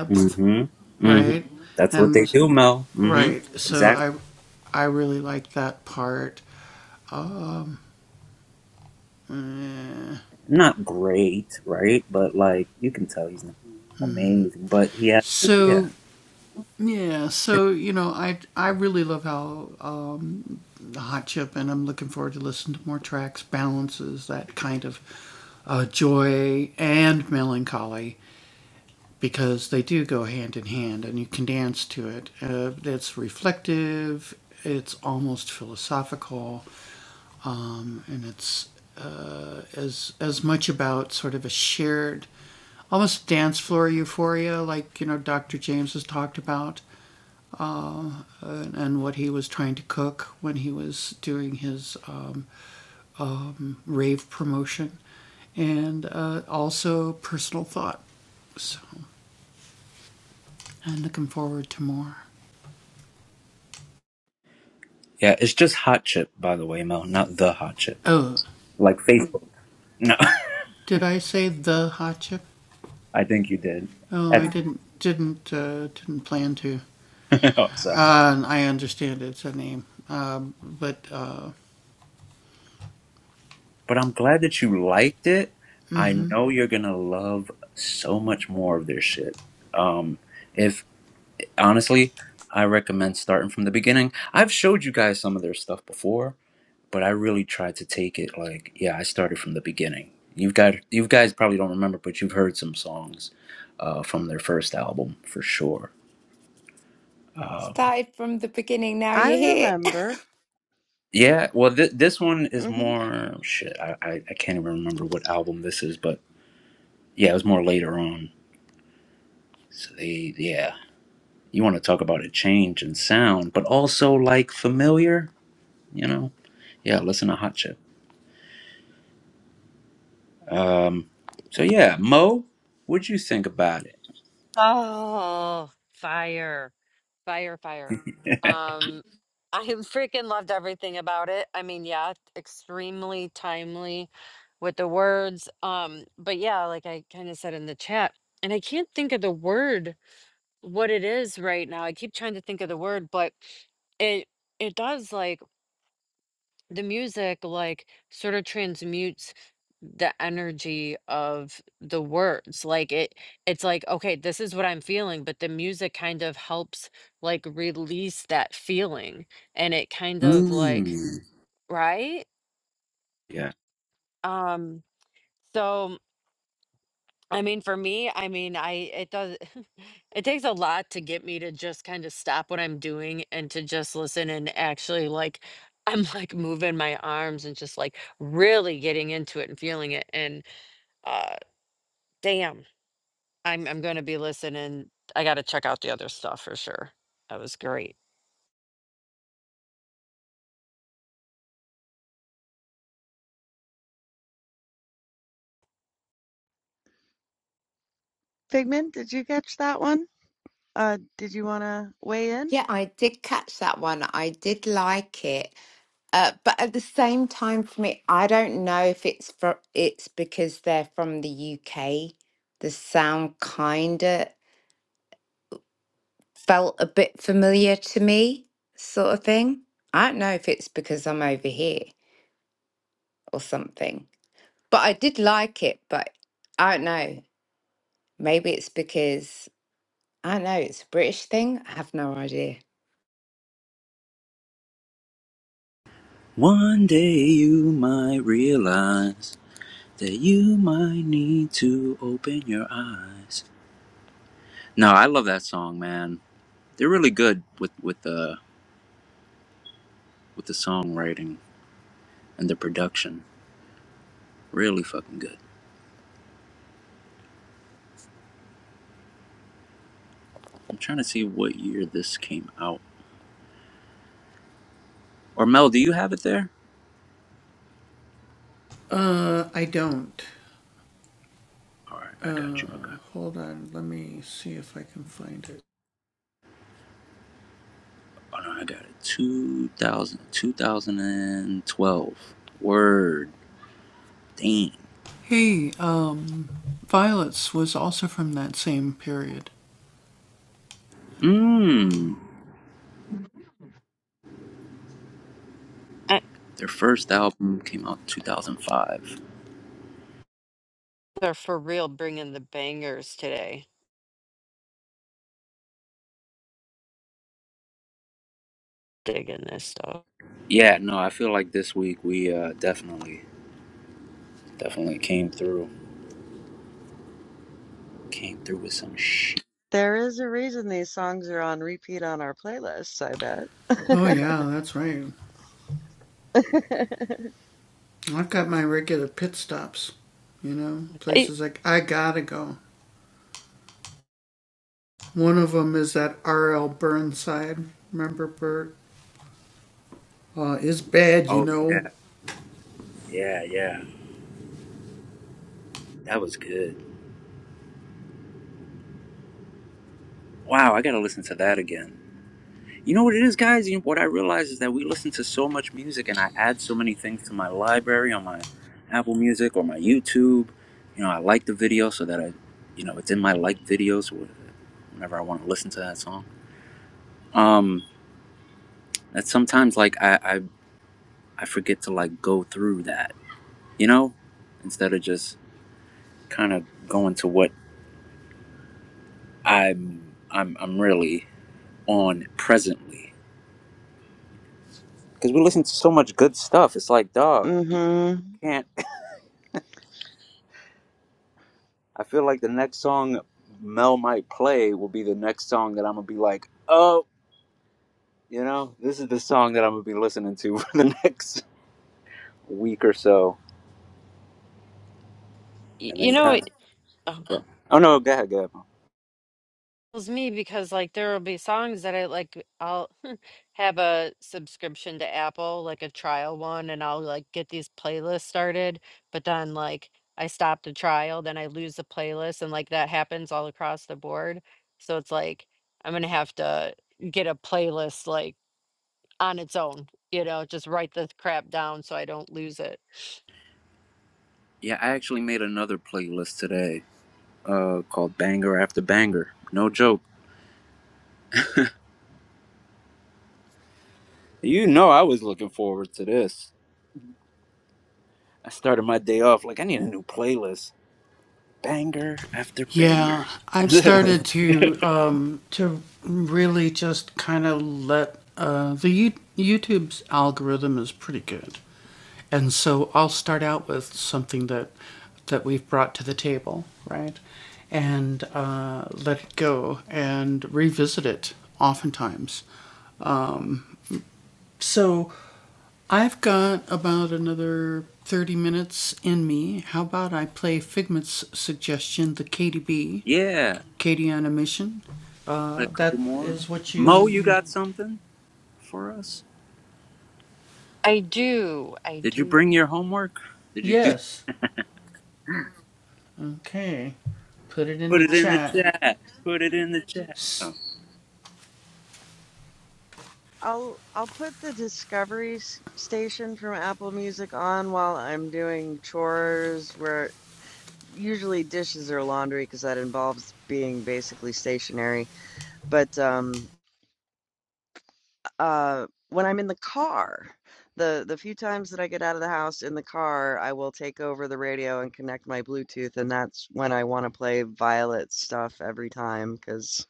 A: hmm hmm That's what they do, Mel. hmm Exactly. Not great, right? But like you can tell he's not amazing. But he has yeah. Yeah, it's just hot chip, by the way, Mel, not the hot chip. Like Facebook. No. I think you did. At- oh, sorry. But I'm glad that you liked it. I know you're gonna love so much more of their shit. Um if honestly, I recommend starting from the beginning. I've showed you guys some of their stuff before but I really tried to take it like, yeah, I started from the beginning. You've got you guys probably don't remember, but you've heard some songs uh, from their first album for sure.
E: Started from the beginning, now
B: I
E: you're here.
B: remember.
A: Yeah, well, th- this one is
B: hmm
A: more shit. I, I I can't even remember what album this is, but yeah, it was more later on. So they yeah, you want to talk about a change in sound, but also like familiar, you know? Yeah, listen to Hot Chip. Um, so yeah, Mo, what'd you think about it?
C: Oh, fire, fire, fire. Um, I have freaking loved everything about it. I mean, yeah, extremely timely with the words. Um, but yeah, like I kind of said in the chat, and I can't think of the word what it is right now. I keep trying to think of the word, but it it does like the music like sort of transmutes the energy of the words like it it's like okay this is what i'm feeling but the music kind of helps like release that feeling and it kind of like
A: Mm.
C: right um so I mean, for me, I mean, I it does it takes a lot to get me to just kind of stop what I'm doing and to just listen and actually like I'm like moving my arms and just like really getting into it and feeling it and uh damn, I'm I'm going to be listening. I got to check out the other stuff for sure. That was great.
B: Figment, did you catch that one? Uh, did you want to weigh in?
E: yeah, I did catch that one. I did like it. Uh, but at the same time, for me, I don't know if it's for it's because they're from the UK. The sound kinda felt a bit familiar to me, sort of thing. I don't know if it's because I'm over here or something. But I did like it, but I don't know. Maybe it's because I don't know, it's a British thing. I have no idea.
A: One day you might realize that you might need to open your eyes. No, I love that song, man. They're really good with with the with the songwriting and the production. Really fucking good. I'm trying to see what year this came out. Or Mel, do you have it there? All right, I got you. I got. Oh no, I got it. 2000, 2012. Word. Damn. Mmm.
C: I,
A: Their first album came out in 2005.
C: they're for real bringing the bangers today. Digging this stuff.
A: Yeah, no, I feel like this week we uh, definitely, definitely came through, came through with some shit.
B: There is a reason these songs are on repeat on our playlists, I bet.
C: I-
A: Oh yeah, yeah, yeah. That was good. Wow, I gotta listen to that again. You know what it is, guys? You know, what I realize is that we listen to so much music, and I add so many things to my library on my Apple Music or my YouTube. You know, I like the video so that I, you know, it's in my like videos whenever I want to listen to that song. Um, that sometimes like I, I I forget to like go through that you know, instead of just kind of going to what I'm I'm I'm really on presently. Because we listen to so much good stuff. It's like, dog,
B: Mm-hmm.
A: can't. I feel like the next song Mel might play will be the next song that I'm gonna be like, oh, you know, this is the song that I'm gonna be listening to for the next week or so,
C: y-
A: and
C: you
A: then
C: know,
A: kind
C: what?
A: of. Oh no, go ahead, go ahead.
C: It's me because like there will be songs that I like I'll have a subscription to Apple, like a trial one, and I'll like get these playlists started, but then like I stop the trial, then I lose the playlist and like that happens all across the board. So it's like I'm gonna have to get a playlist like on its own, you know, just write the crap down so I don't lose it.
A: Yeah, I actually made another playlist today, uh, called Banger After Banger. No joke You know, I was looking forward to this. I started my day off like I need a new playlist. Banger after banger. yeah. A couple more. Mo, you got something for us?
C: I do, I
A: Did you
C: do.
A: bring your homework? Did you do put it in the chat? Put it in the chat. Oh.
B: I'll I'll put the Discovery s- station from Apple Music on while I'm doing chores, where usually dishes or laundry, because that involves being basically stationary. But um, uh, when I'm in the car, the the few times that I get out of the house in the car, I will take over the radio and connect my Bluetooth, and that's when I want to play Violet stuff every time, because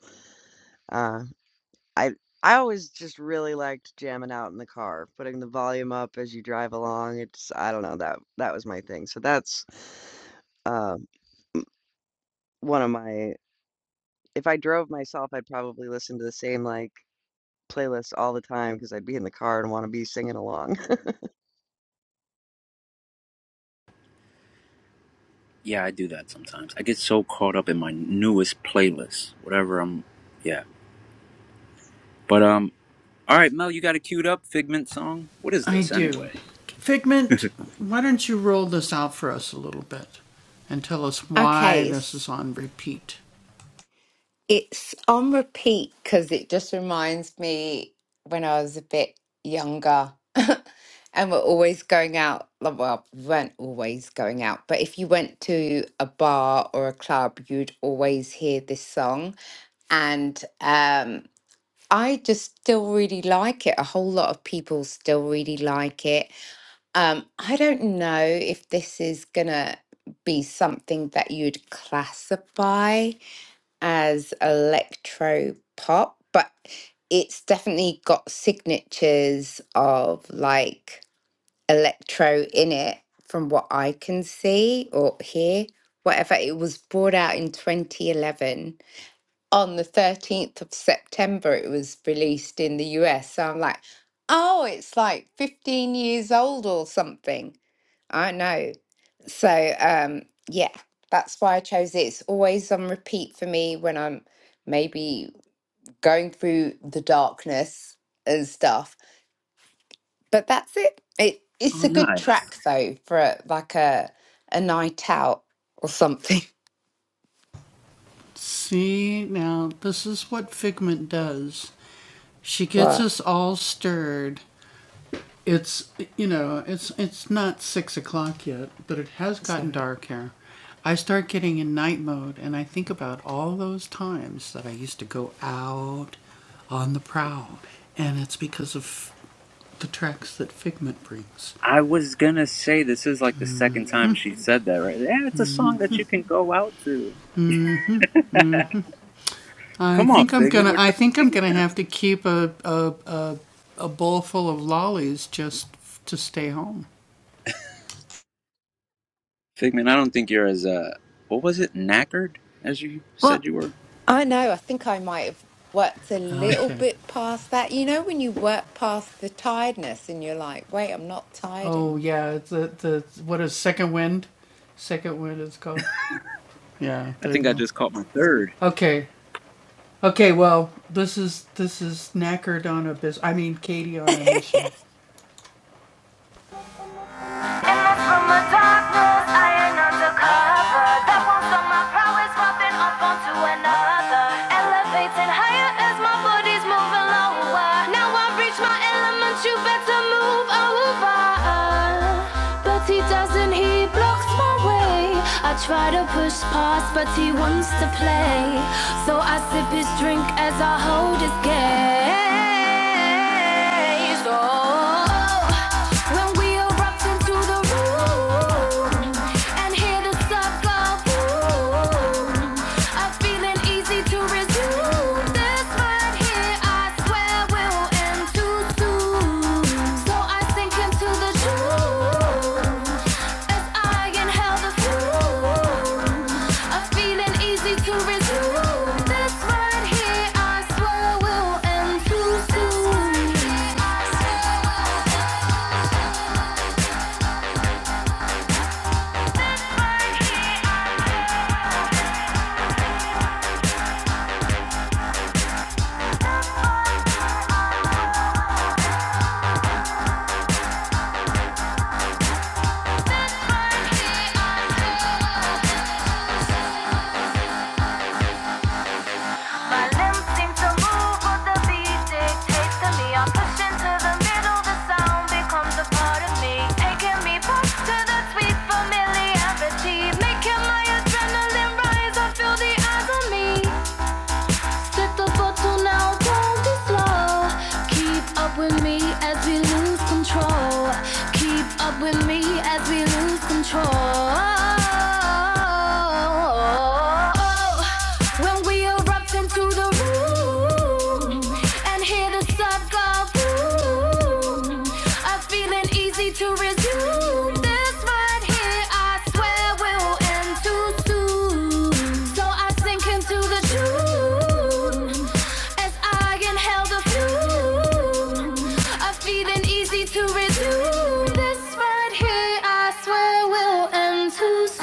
B: I I always just really liked jamming out in the car, putting the volume up as you drive along. It's I don't know, that that was my thing. So that's uh, one of my if I drove myself, I'd probably listen to the same like playlist all the time because I'd be in the car and want to be singing along.
A: Yeah, I do that sometimes. I get so caught up in my newest playlist. Whatever I'm yeah. But um all right, Mel, you got it queued up, Figment song? What is this anyway?
E: Okay, It's on repeat because it just reminds me when I was a bit younger and we're always going out. like, Well, we weren't always going out, but if you went to a bar or a club, you'd always hear this song. And um, I just still really like it. A whole lot of people still really like it. Um, I don't know if this is going to be something that you'd classify as electro pop, but it's definitely got signatures of like electro in it from what I can see or hear. Whatever, it was brought out in 2011. On the 13th of September, it was released in the US. So I'm like, oh, it's like 15 years old or something. I know. So, um, yeah, that's why I chose it. It's always on repeat for me when I'm maybe going through the darkness and stuff. But that's it. It
A: Oh
E: it's a good
A: nice.
E: track though for a, like a a night out or something. What? Sorry.
A: I was gonna say this is like the second time she said that, right? Yeah, it's a song that you can go out to. Come on, Figment, we're trying to take it down. Figment, I don't think you're as uh, what was it, knackered as you
E: Well,
A: said you were.
E: I know. I think I might have worked a little bit past that. You know, when you work past the tiredness and you're like, wait, I'm not tired anymore.
A: I think I just caught my third.
D: popping up onto another. Elevating higher as my body's moving lower. Now I've reached my element, you better move over. But he doesn't, he blocks my way. I try to push past, but he wants to play. So I sip his drink as I hold his gaze. Oh, when we erupt into the room. and Hear the sub go boom. A feeling easy to resume. This right here, I swear, will end too soon. So I sink into the truth as I inhale the fume. A feeling easy to resume. This right here, I swear, will end too soon. This right here, I swear, will end too soon. My limbs seem to move, but the beat dictates me. I push into the middle, the sound becomes a part of me, taking me back to the sweet familiarity, making my adrenaline rise. I feel the eyes on me. Tip the bottle now, don't be slow. Keep up with me as we lose control. Keep up with me as we lose control. When we erupt into the room and hear the sub go boom, I Feeling easy to resume this right here. I swear will end too soon. So I sink into the tune as I inhale the fume. A feeling easy to resume this right here. I swear will end too soon.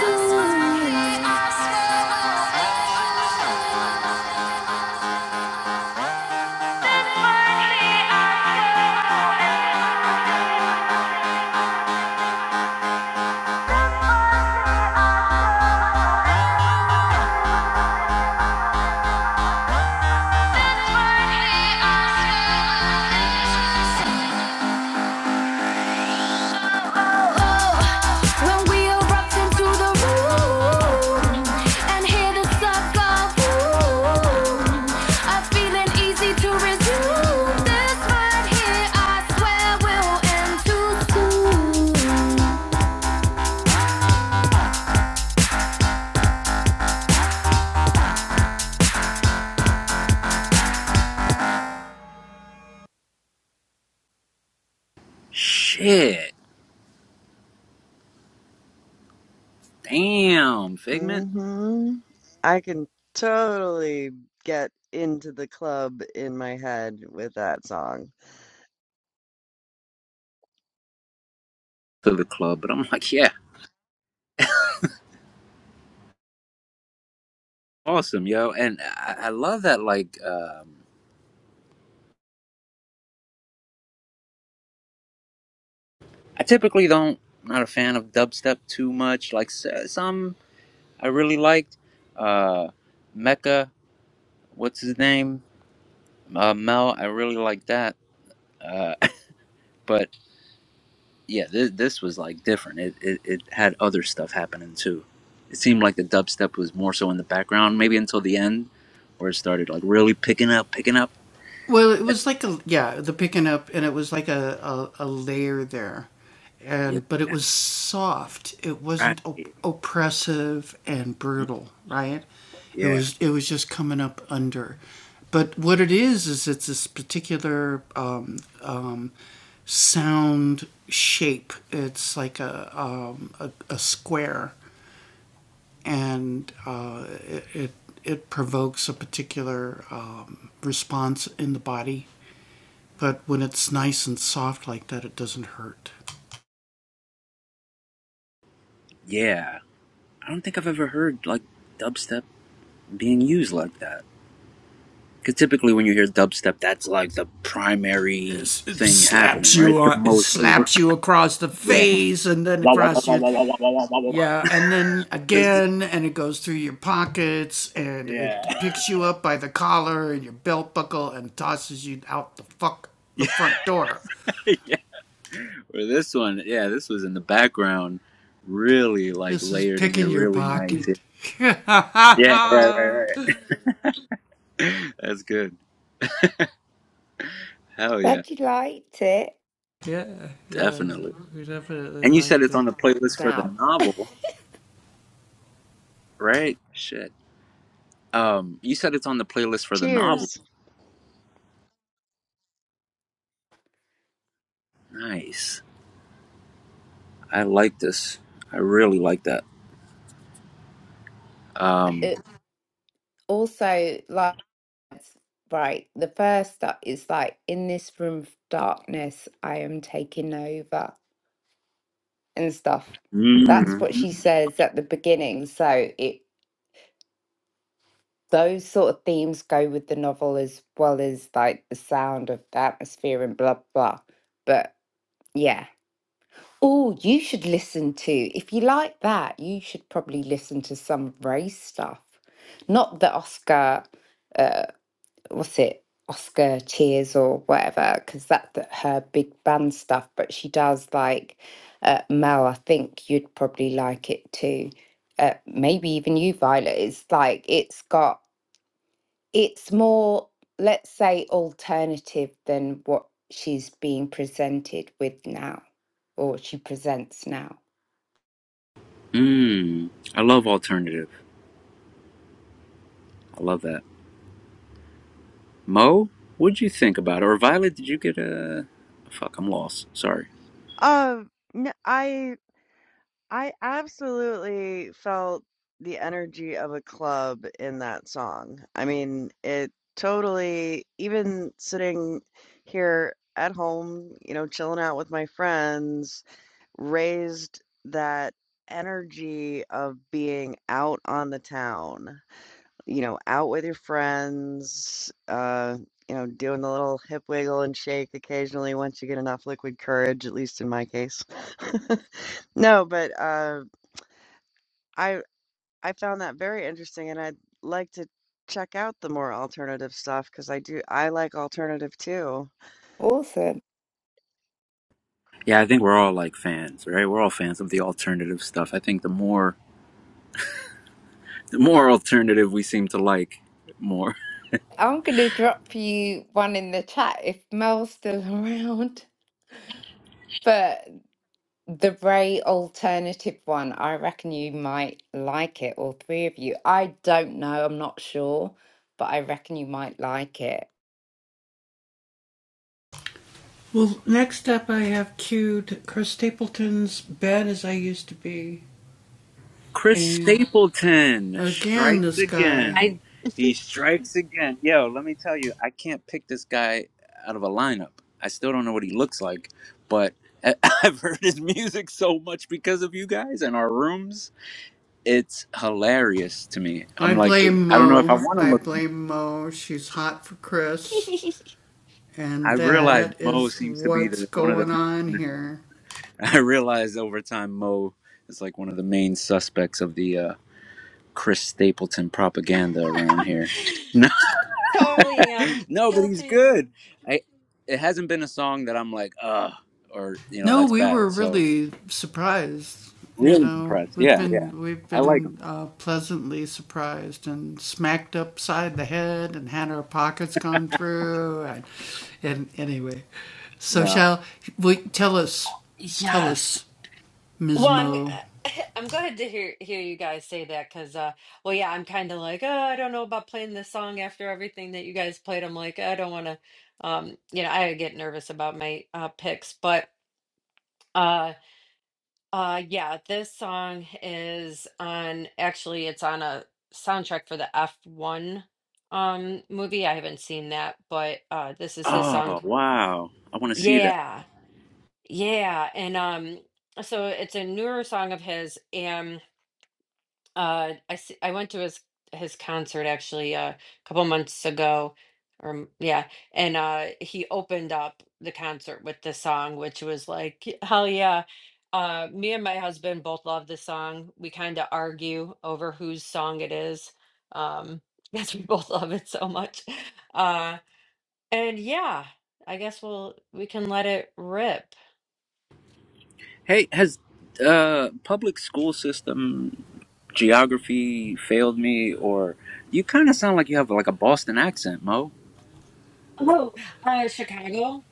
D: When we erupt into the room and hear the sucker boom, a feeling easy to resume. This right here, I swear, will end too soon.
A: Shit, damn, Figment
B: hmm I can totally get into the club in my head with that song.
A: to the club, but I'm like, yeah, awesome, yo, and I, I love that. Like, um, I typically don't not a fan of dubstep too much. Like s- some I really liked, uh, Mecca what's his name? Uh, Mel. I really like that. Uh, but yeah, this, this was like different. It, it it had other stuff happening too. It seemed like the dubstep was more so in the background, maybe until the end, where it started like really picking up, picking up. Yeah, right. Yeah, yeah. I don't think I've ever heard like dubstep being used like that. Because typically when you hear dubstep, that's like the primary thing happening, right? Yeah. Wah, wah, wah, wah, wah, wah, wah, wah, wah, wah, wah, wah. yeah. yeah, yeah. Where this one, yeah, this was in the background, really like layered and they're really nice. Yeah, right, right. That's good. Hell yeah,
E: Glad you liked it.
A: definitely. And you said it's on the playlist for the
E: out.
A: novel, right? Shit. Um, you said it's on the playlist for the novel.
B: Cheers.
A: Nice. I like this. I really like that. Um,
E: It also like right, the first step is like in this room of darkness, I am taking over and stuff. That's what she
A: mm,
E: says at the beginning. So it those sort of themes go with the novel as well as like the sound of the atmosphere and blah blah. But yeah. Oh, you should listen to if you like that, you should probably listen to some Ray stuff. Not the Oscar uh, what's it Oscar Cheers or whatever because that, that her big band stuff but she does like uh, Mel I think you'd probably like it too uh, maybe even you Violet it's like it's got it's more let's say alternative than what she's being presented with now or she presents now
A: mm, I love alternative. I love that. Mo, what'd you think about it? Or Violet, did you get a? Fuck, I'm lost. Sorry.
B: Uh, n I I absolutely felt the energy of a club in that song. I mean, it totally, even sitting here at home, you know, chilling out with my friends, raised that energy of being out on the town, you know, out with your friends, uh, you know, doing the little hip wiggle and shake occasionally once you get enough liquid courage, at least in my case. No, but uh I I found that very interesting, and I'd like to check out the more alternative stuff because I do I like alternative too.
E: awesome
A: Yeah, I think we're all like fans, right? We're all fans of the alternative stuff. I think the more the more alternative we seem to like more.
E: I'm gonna drop you one in the chat if Mel's still around but The Ray alternative one. I reckon you might like it, all three of you. I don't know, I'm not sure, but I reckon you might like it.
A: Chris Stapleton strikes again.
C: I
A: He strikes again. Yo, let me tell you, I can't pick this guy out of a lineup. I still don't know what he looks like, but I- I've heard his music so much because of you guys and our rooms. It's hilarious to me. I'm like, I don't know if I want to look. I realize Mo seems to be the one of the main. I realized over time Mo is like one of the main suspects of the uh, Chris Stapleton propaganda around here. No,
C: Totally am
A: no, but he's
C: guilty.
A: good. I it hasn't been a song that I'm like, uh, or you know, that's bad. So really impressed. Yeah, yeah, I like him. No.
C: yes, Well, I'm I'm glad to hear hear you guys say that because uh well yeah, I'm kind of like, "Oh, I don't know about playing this song after everything that you guys played." I'm like, "I don't want to um you know, I get nervous about my uh picks, but uh uh yeah, this song is on actually it's on a soundtrack for the F1 um movie. I haven't seen that, but uh this is his song.
A: Oh wow, I want to see that.
C: Yeah. Yeah, and um so it's a newer song of his and Uh, I s- I went to his his concert actually uh, a couple months ago, or m- yeah, and uh, he opened up the concert with this song, which was like, "Y- hell yeah. Uh, me and my husband both love this song. We kind of argue over whose song it is, um, because we both love it so much. Uh, and yeah, I guess we'll we can let it rip.
A: Hey, has uh public school system geography failed me, or you kind of sound like you have like a Boston accent, Mo?
C: Oh, uh, Chicago.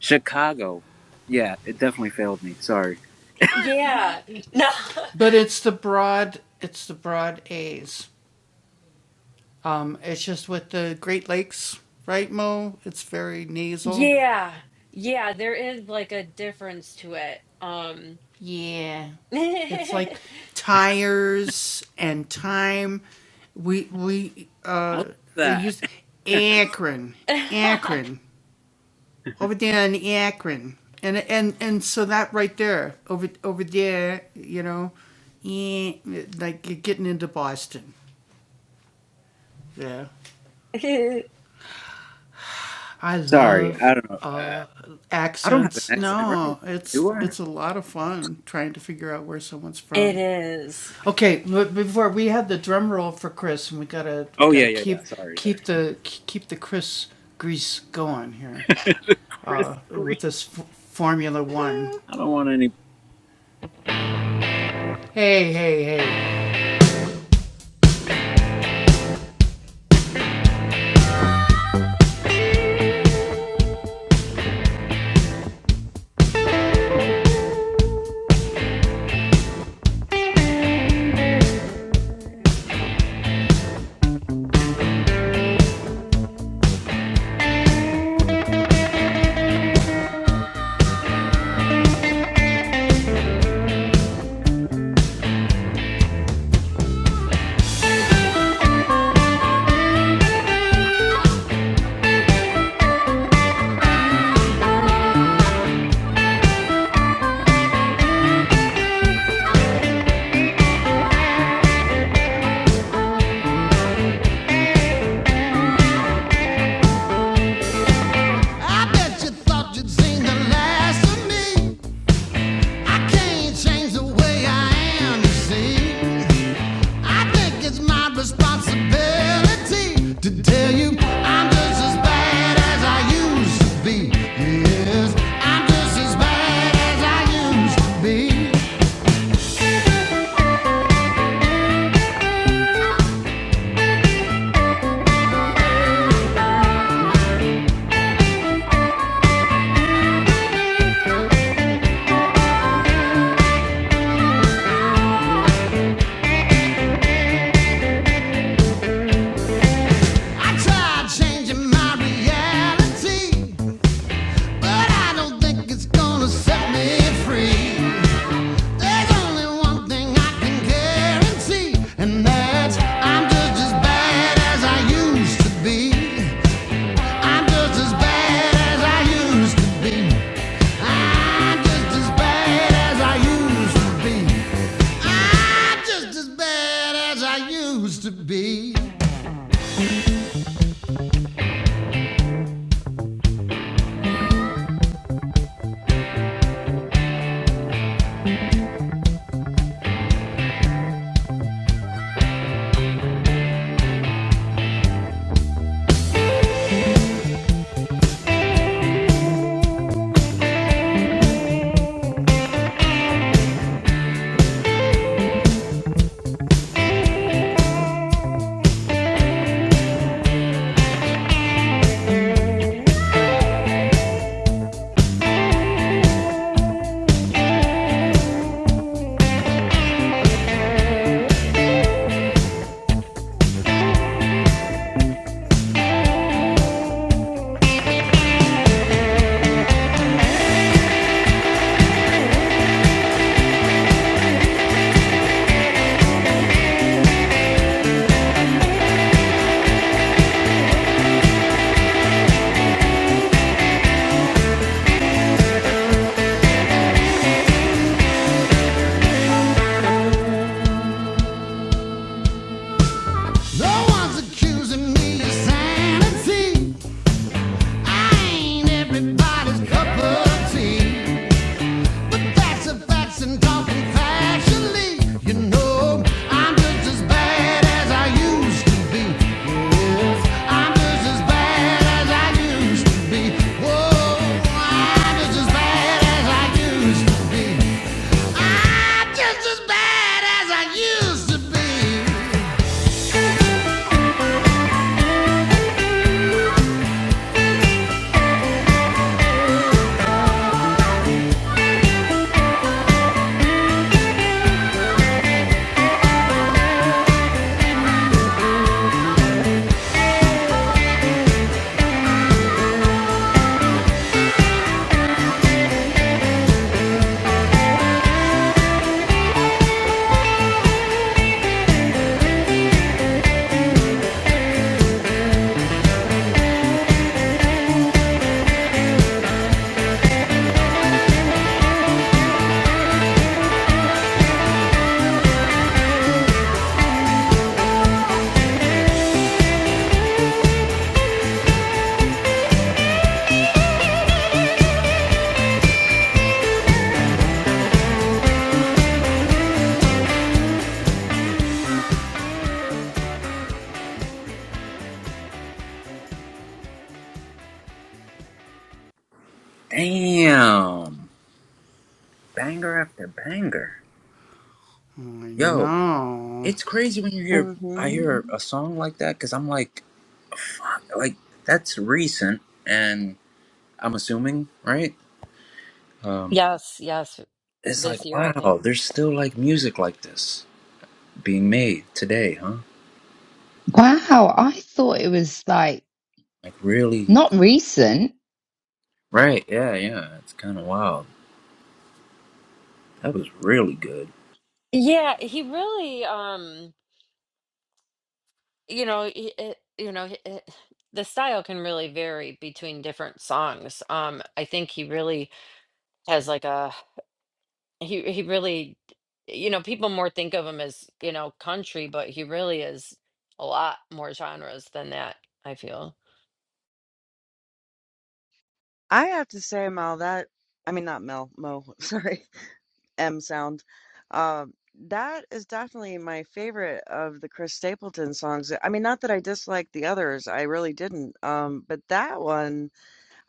A: Chicago. Yeah, it definitely failed me. Sorry.
C: Yeah, no. Yeah. Yeah, there is like a difference to it. Um It
A: I love that. Sorry. I don't know. Uh, I don't have an accent, right? Do I?
C: is.
A: Oh yeah, yeah, yeah. Sorry. Chris Grease.
C: Mhm.
A: I don't want any.
D: I bet you thought you'd seen the last of me. I can't change the way I am, you see. I think it's my responsibility to tell you I'm just as bad as I used to be. Yes, I'm just as bad as I used to be. I tried changing my reality, but I don't think it's gonna set me free. There's only one thing I can guarantee, and that's I'm just as bad as I used to be. I'm just as bad as I used to be. I'm just as bad as I used to be. I'm just as bad as I used to be. No one's accusing me of sanity. I ain't everybody's cup of tea.
A: Damn. Banger after banger. Yo, it's crazy when you hear I
B: hmm
A: hear a song like that because I'm like, fuck, like that's recent, and I'm assuming, right? Um,
C: Yes, yes,
A: it's
C: this
A: like,
C: year I think.
A: wow, there's still like music like this being made today, huh?
E: Wow, I thought it was like
A: Like really
E: not recent.
A: right, yeah, yeah. It's kinda wild. That was really good.
C: Yeah, he really um you know, he, it, you know, he- it, the style can really vary between different songs. Um I think he really has like a He he really, you know, people more think of him as, you know, country, but he really is a lot more genres than that, I feel.
B: I have to say, Mel, that I mean not Mel, Mo, sorry, M sound. Um, that is definitely my favorite of the Chris Stapleton songs. I mean, not that I disliked the others, I really didn't. Um, but that one,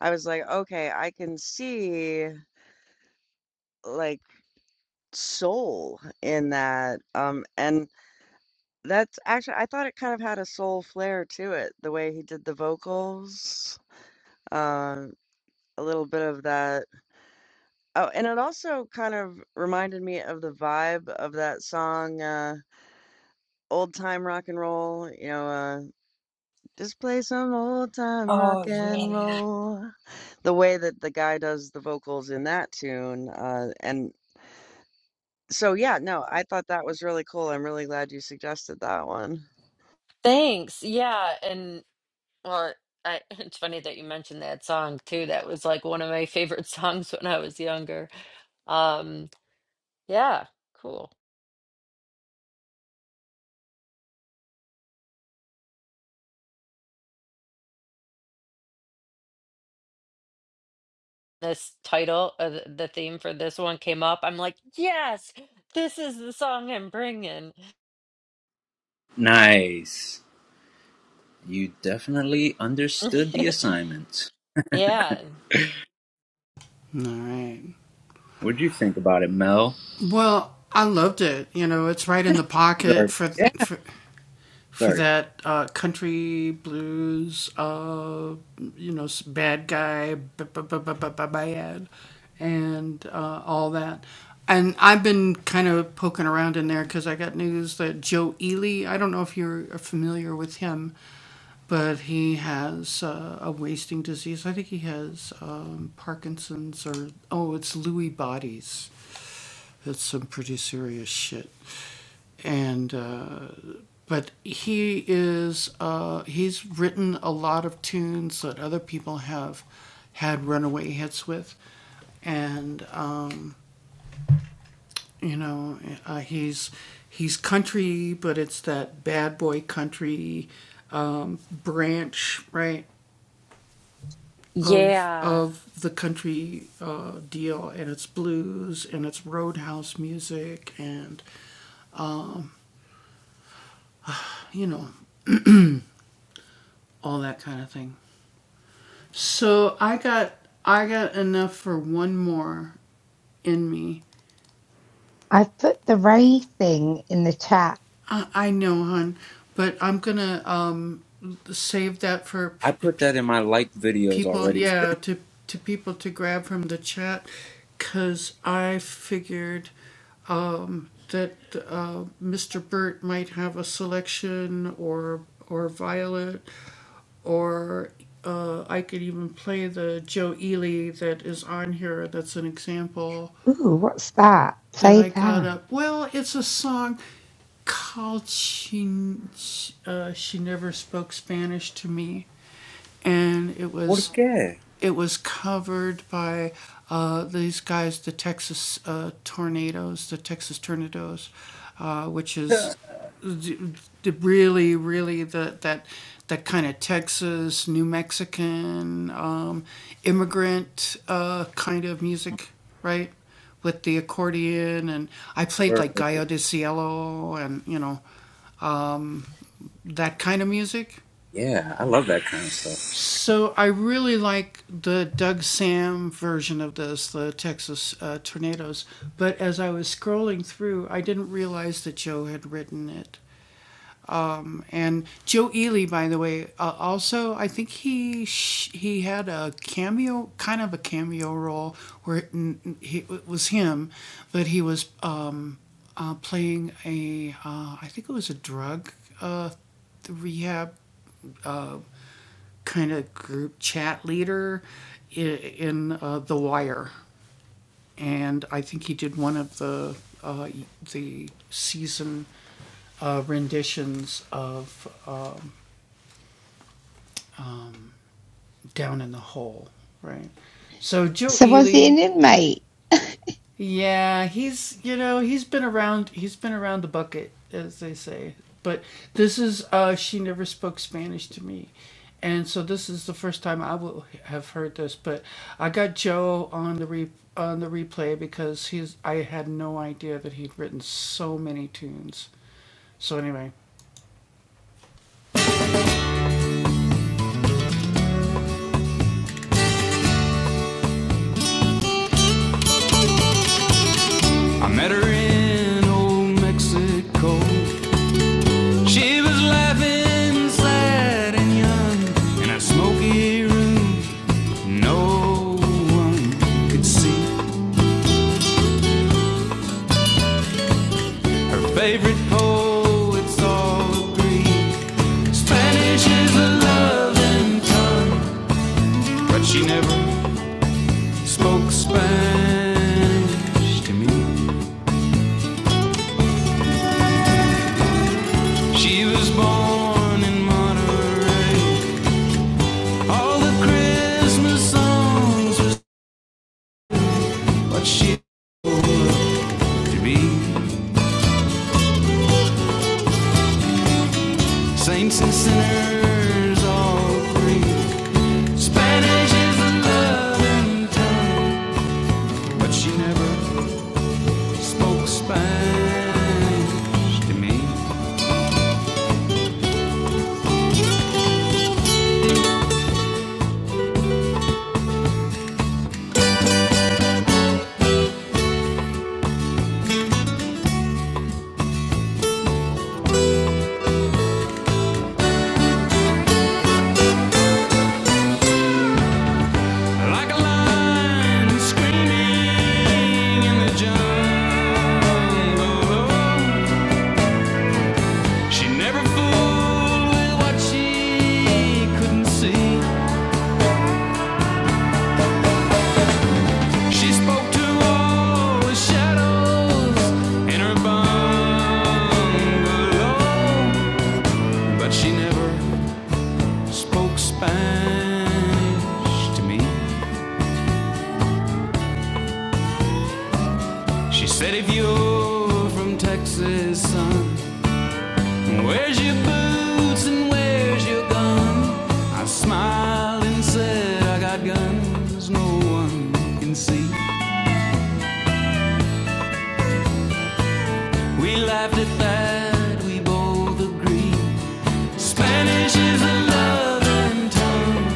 B: I was like, okay, I can see like soul in that. Um, and That's actually I thought it kind of had a soul flair to it, the way he did the vocals, um, a little bit of that oh, and it also kind of reminded me of the vibe of that song, uh, Old Time Rock and Roll, you know, uh, "Just play some old time rock
C: Oh,
B: and
C: yeah.
B: roll." The way that the guy does the vocals in that tune, uh, and so, yeah, no, I thought that was really cool, I'm really glad you suggested that one.
C: Thanks. Yeah, and well, I it's funny that you mentioned that song too. That was like one of my favorite songs when I was younger. Um, yeah, cool. This title, uh, th- the theme for this one came up. I'm like, yes, this is the song I'm bringing.
A: Nice. You definitely understood the assignment.
C: Yeah.
A: What'd you think about it, Mel? Sorry. Yeah. Sorry.
C: Yeah.
E: I put the Ray thing in the chat.
A: I put that in my like videos already.
E: Ooh, what's that? Play that.
A: Por qué? Or- Yeah, I love that kind of stuff.
E: So was he an inmate?
D: I met her in old Mexico. She was laughing, sad and young, in a smoky room No one could see her favorite poets all agree. Spanish is a loving tongue, but she never spoke Spanish to me. She was born in Monterey. All the Christmas songs was what she had to be. Saints and sinners all three. Spanish is a loving tongue, but she never spoke Spanish to me like a lion screaming in the jungle. She never fooled with what she couldn't see. She spoke to all the shadows in her bungalow, but she never spoke Spanish to me. She said, if you're from Texas, son, where's your boots and where's your gun? I smiled and said, I got guns no one can see. We laughed at that, we both agreed. Spanish is a loving tongue,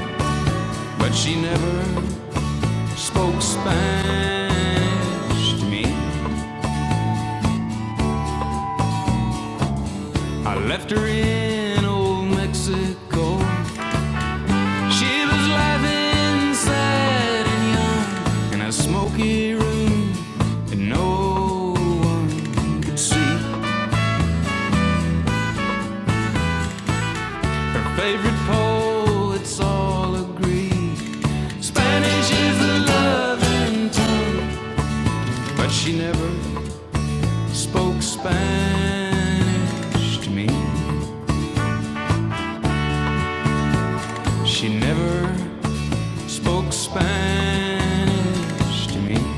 D: but she never spoke Spanish to me. I left her in old Mexico. She was laughing, sad and young, in a smoky room that no one could see. Her favorite poets all agree. Spanish is the loving tongue, but she never spoke Spanish to me. She never spoke Spanish to me.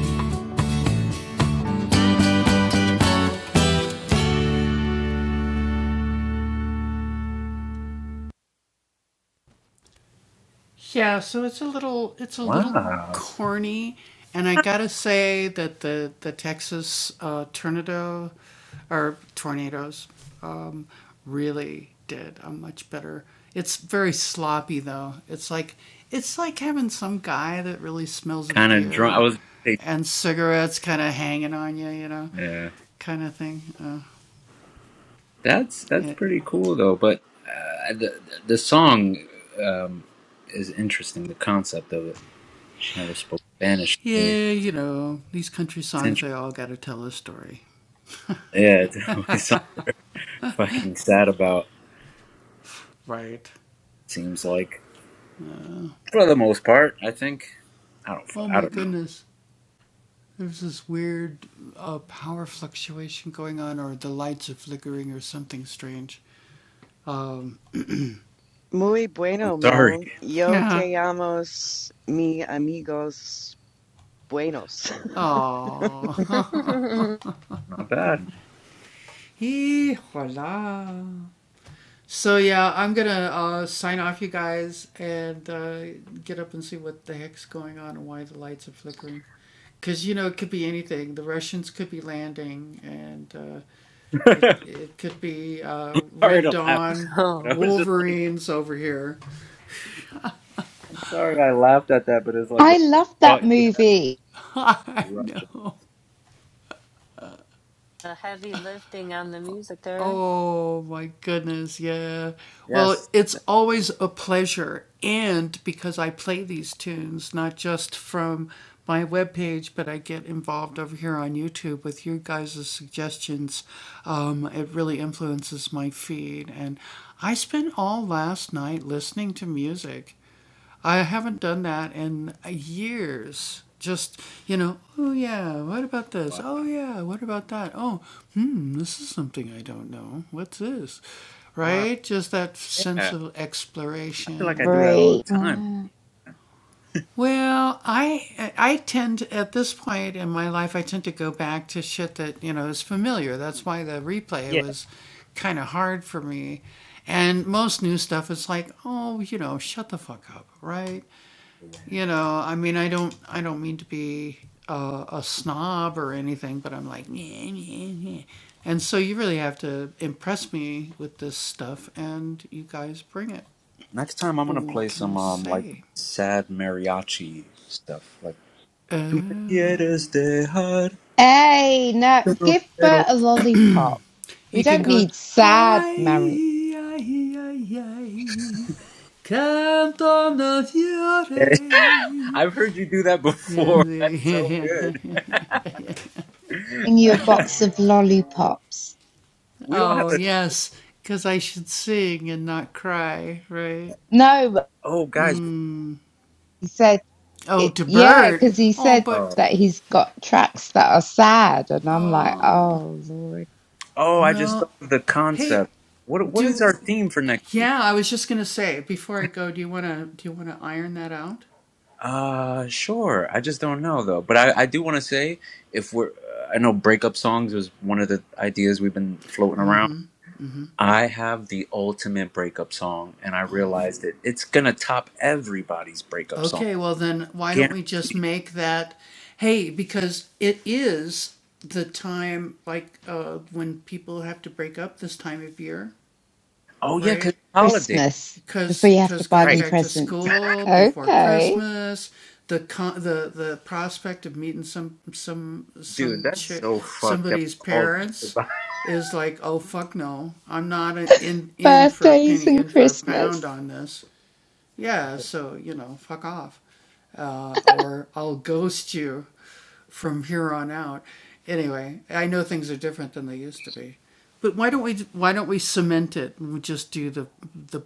A: Wow. Kind of drunk. I was gonna say, yeah. That's that's pretty cool though. But uh, the the song um, is interesting. The concept of it. She never spoke Spanish to me. It's interesting. Yeah, it's always something fucking sad about. Seems like for the most part, I think. I don't. fu- I don't know.
B: Muy
A: I'm
B: bueno,
A: sorry.
B: Mel. Yo te amo, s- mi amigos buenos.
A: Not bad. sorry to laugh, but I
C: oh,
A: was just. I'm sorry I laughed at that, but it's like the
E: I
A: first
E: loved that
A: thought you have
E: movie.
A: is Russian.
C: a heavy lifting on the music there.
A: Yes. Wow. Wow. Yeah. I feel like I do that all
E: Free.
A: the time.
E: Wow.
A: Yeah. Yeah. Next time I'm gonna play some um like sad mariachi stuff like. Tu me quieres dejar
E: Hey, now
A: Little
E: give
A: kettle.
E: Bert a lollipop. We don't need sad Mary.
A: Yeah. I've heard you do that before. That's so good.
E: Bring you a box of lollipops.
A: we don't have a.
E: No, but
A: Oh, guys.
E: he said it. Yeah, because he said
A: Oh,
E: that he's got tracks that are sad, and I'm like, oh Lord,
A: oh! I just thought of the concept. What What is our theme for next? Uh, sure. I just don't know though. But I I do want to say if we're I know breakup songs was one of the ideas we've been floating around. I have the ultimate breakup song, and I realized it. It's gonna top everybody's breakup song. Guaran- Oh yeah, cause holiday,
E: Christmas before you have to buy
A: right?
E: them presents. Okay,
A: Dude, that's so fucked up. All things about
E: birthdays and Christmas.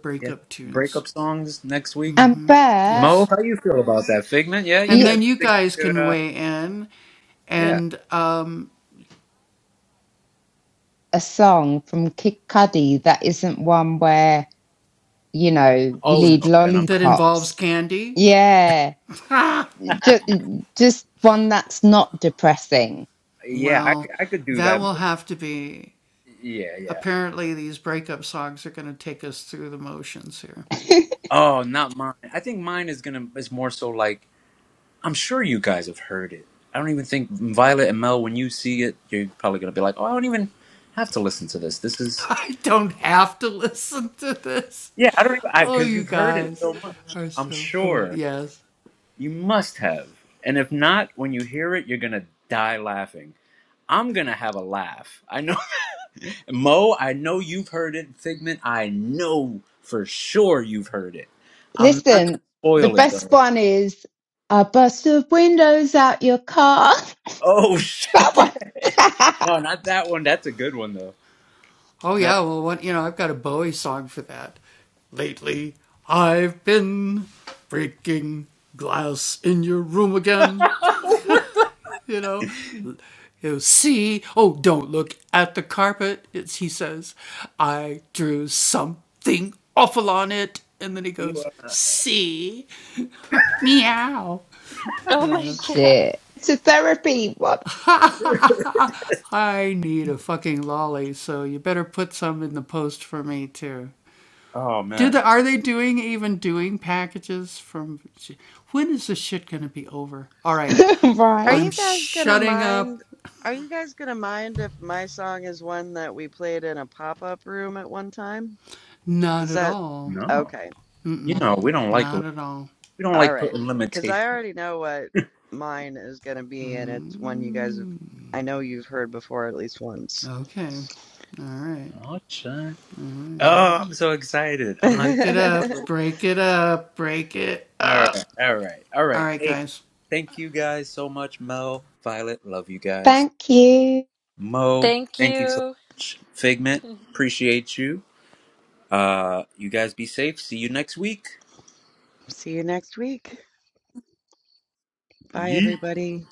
A: yeah. Breakup songs next week.
E: And Bert,
A: Mo, how you feel about that? Figment? Yeah, you
E: you,
A: guys think we could? Uh, yeah.
E: a song from Kid Cudi that isn't one where you know you
A: Oh
E: need
A: no, then I'm. Not,
E: lollipops Yeah, just, just one that's not depressing.
A: yeah, I, c- I could do that. But yeah, yeah. Oh, not mine. I think mine is gonna is more so like I'm sure you guys have heard it. I don't even think Violet and Mel. When you see it, you're probably gonna be like, oh, I don't even have to listen to this. This is yeah. I don't even because you've heard it so much. I'm sure. You must have. And if not, when you hear it, you're going to die laughing. I'm going to have a laugh. I know, Mo, I know you've heard it. Figment, I know for sure you've heard it. I'm not going
E: Listen,
A: to
E: the
A: spoil it,
E: best
A: though.
E: one is I bust the windows out your car.
A: Oh, shit.
E: That one.
A: No, not that one. That's a good one, though. Not. what?
C: Oh my God.
E: Shit. To therapy. What?
A: Oh, man.
B: Are
E: right.
B: you guys gonna mind? Are you guys gonna mind if my song is one that we played in a pop-up room at one time? Does that,
A: No.
B: okay,
A: You know, we don't like, we don't
B: all
A: like
B: right.
A: putting
B: Because
A: limitations.
B: I already know what mine is gonna be, and it's one you guys have, I know you've heard before at least once.
A: Oh, shit. Oh, I'm so excited. I'm not. All right, all right, all right. Hey, thank you guys so much, Mo, Violet. Love you guys,
E: Thank you.
A: Mo.
C: Thank
A: Thank you so
C: you.
A: much, Figment. Appreciate you. Uh, you guys be safe. See you next week.
B: See you next week. Bye,
A: Yeet.
B: everybody.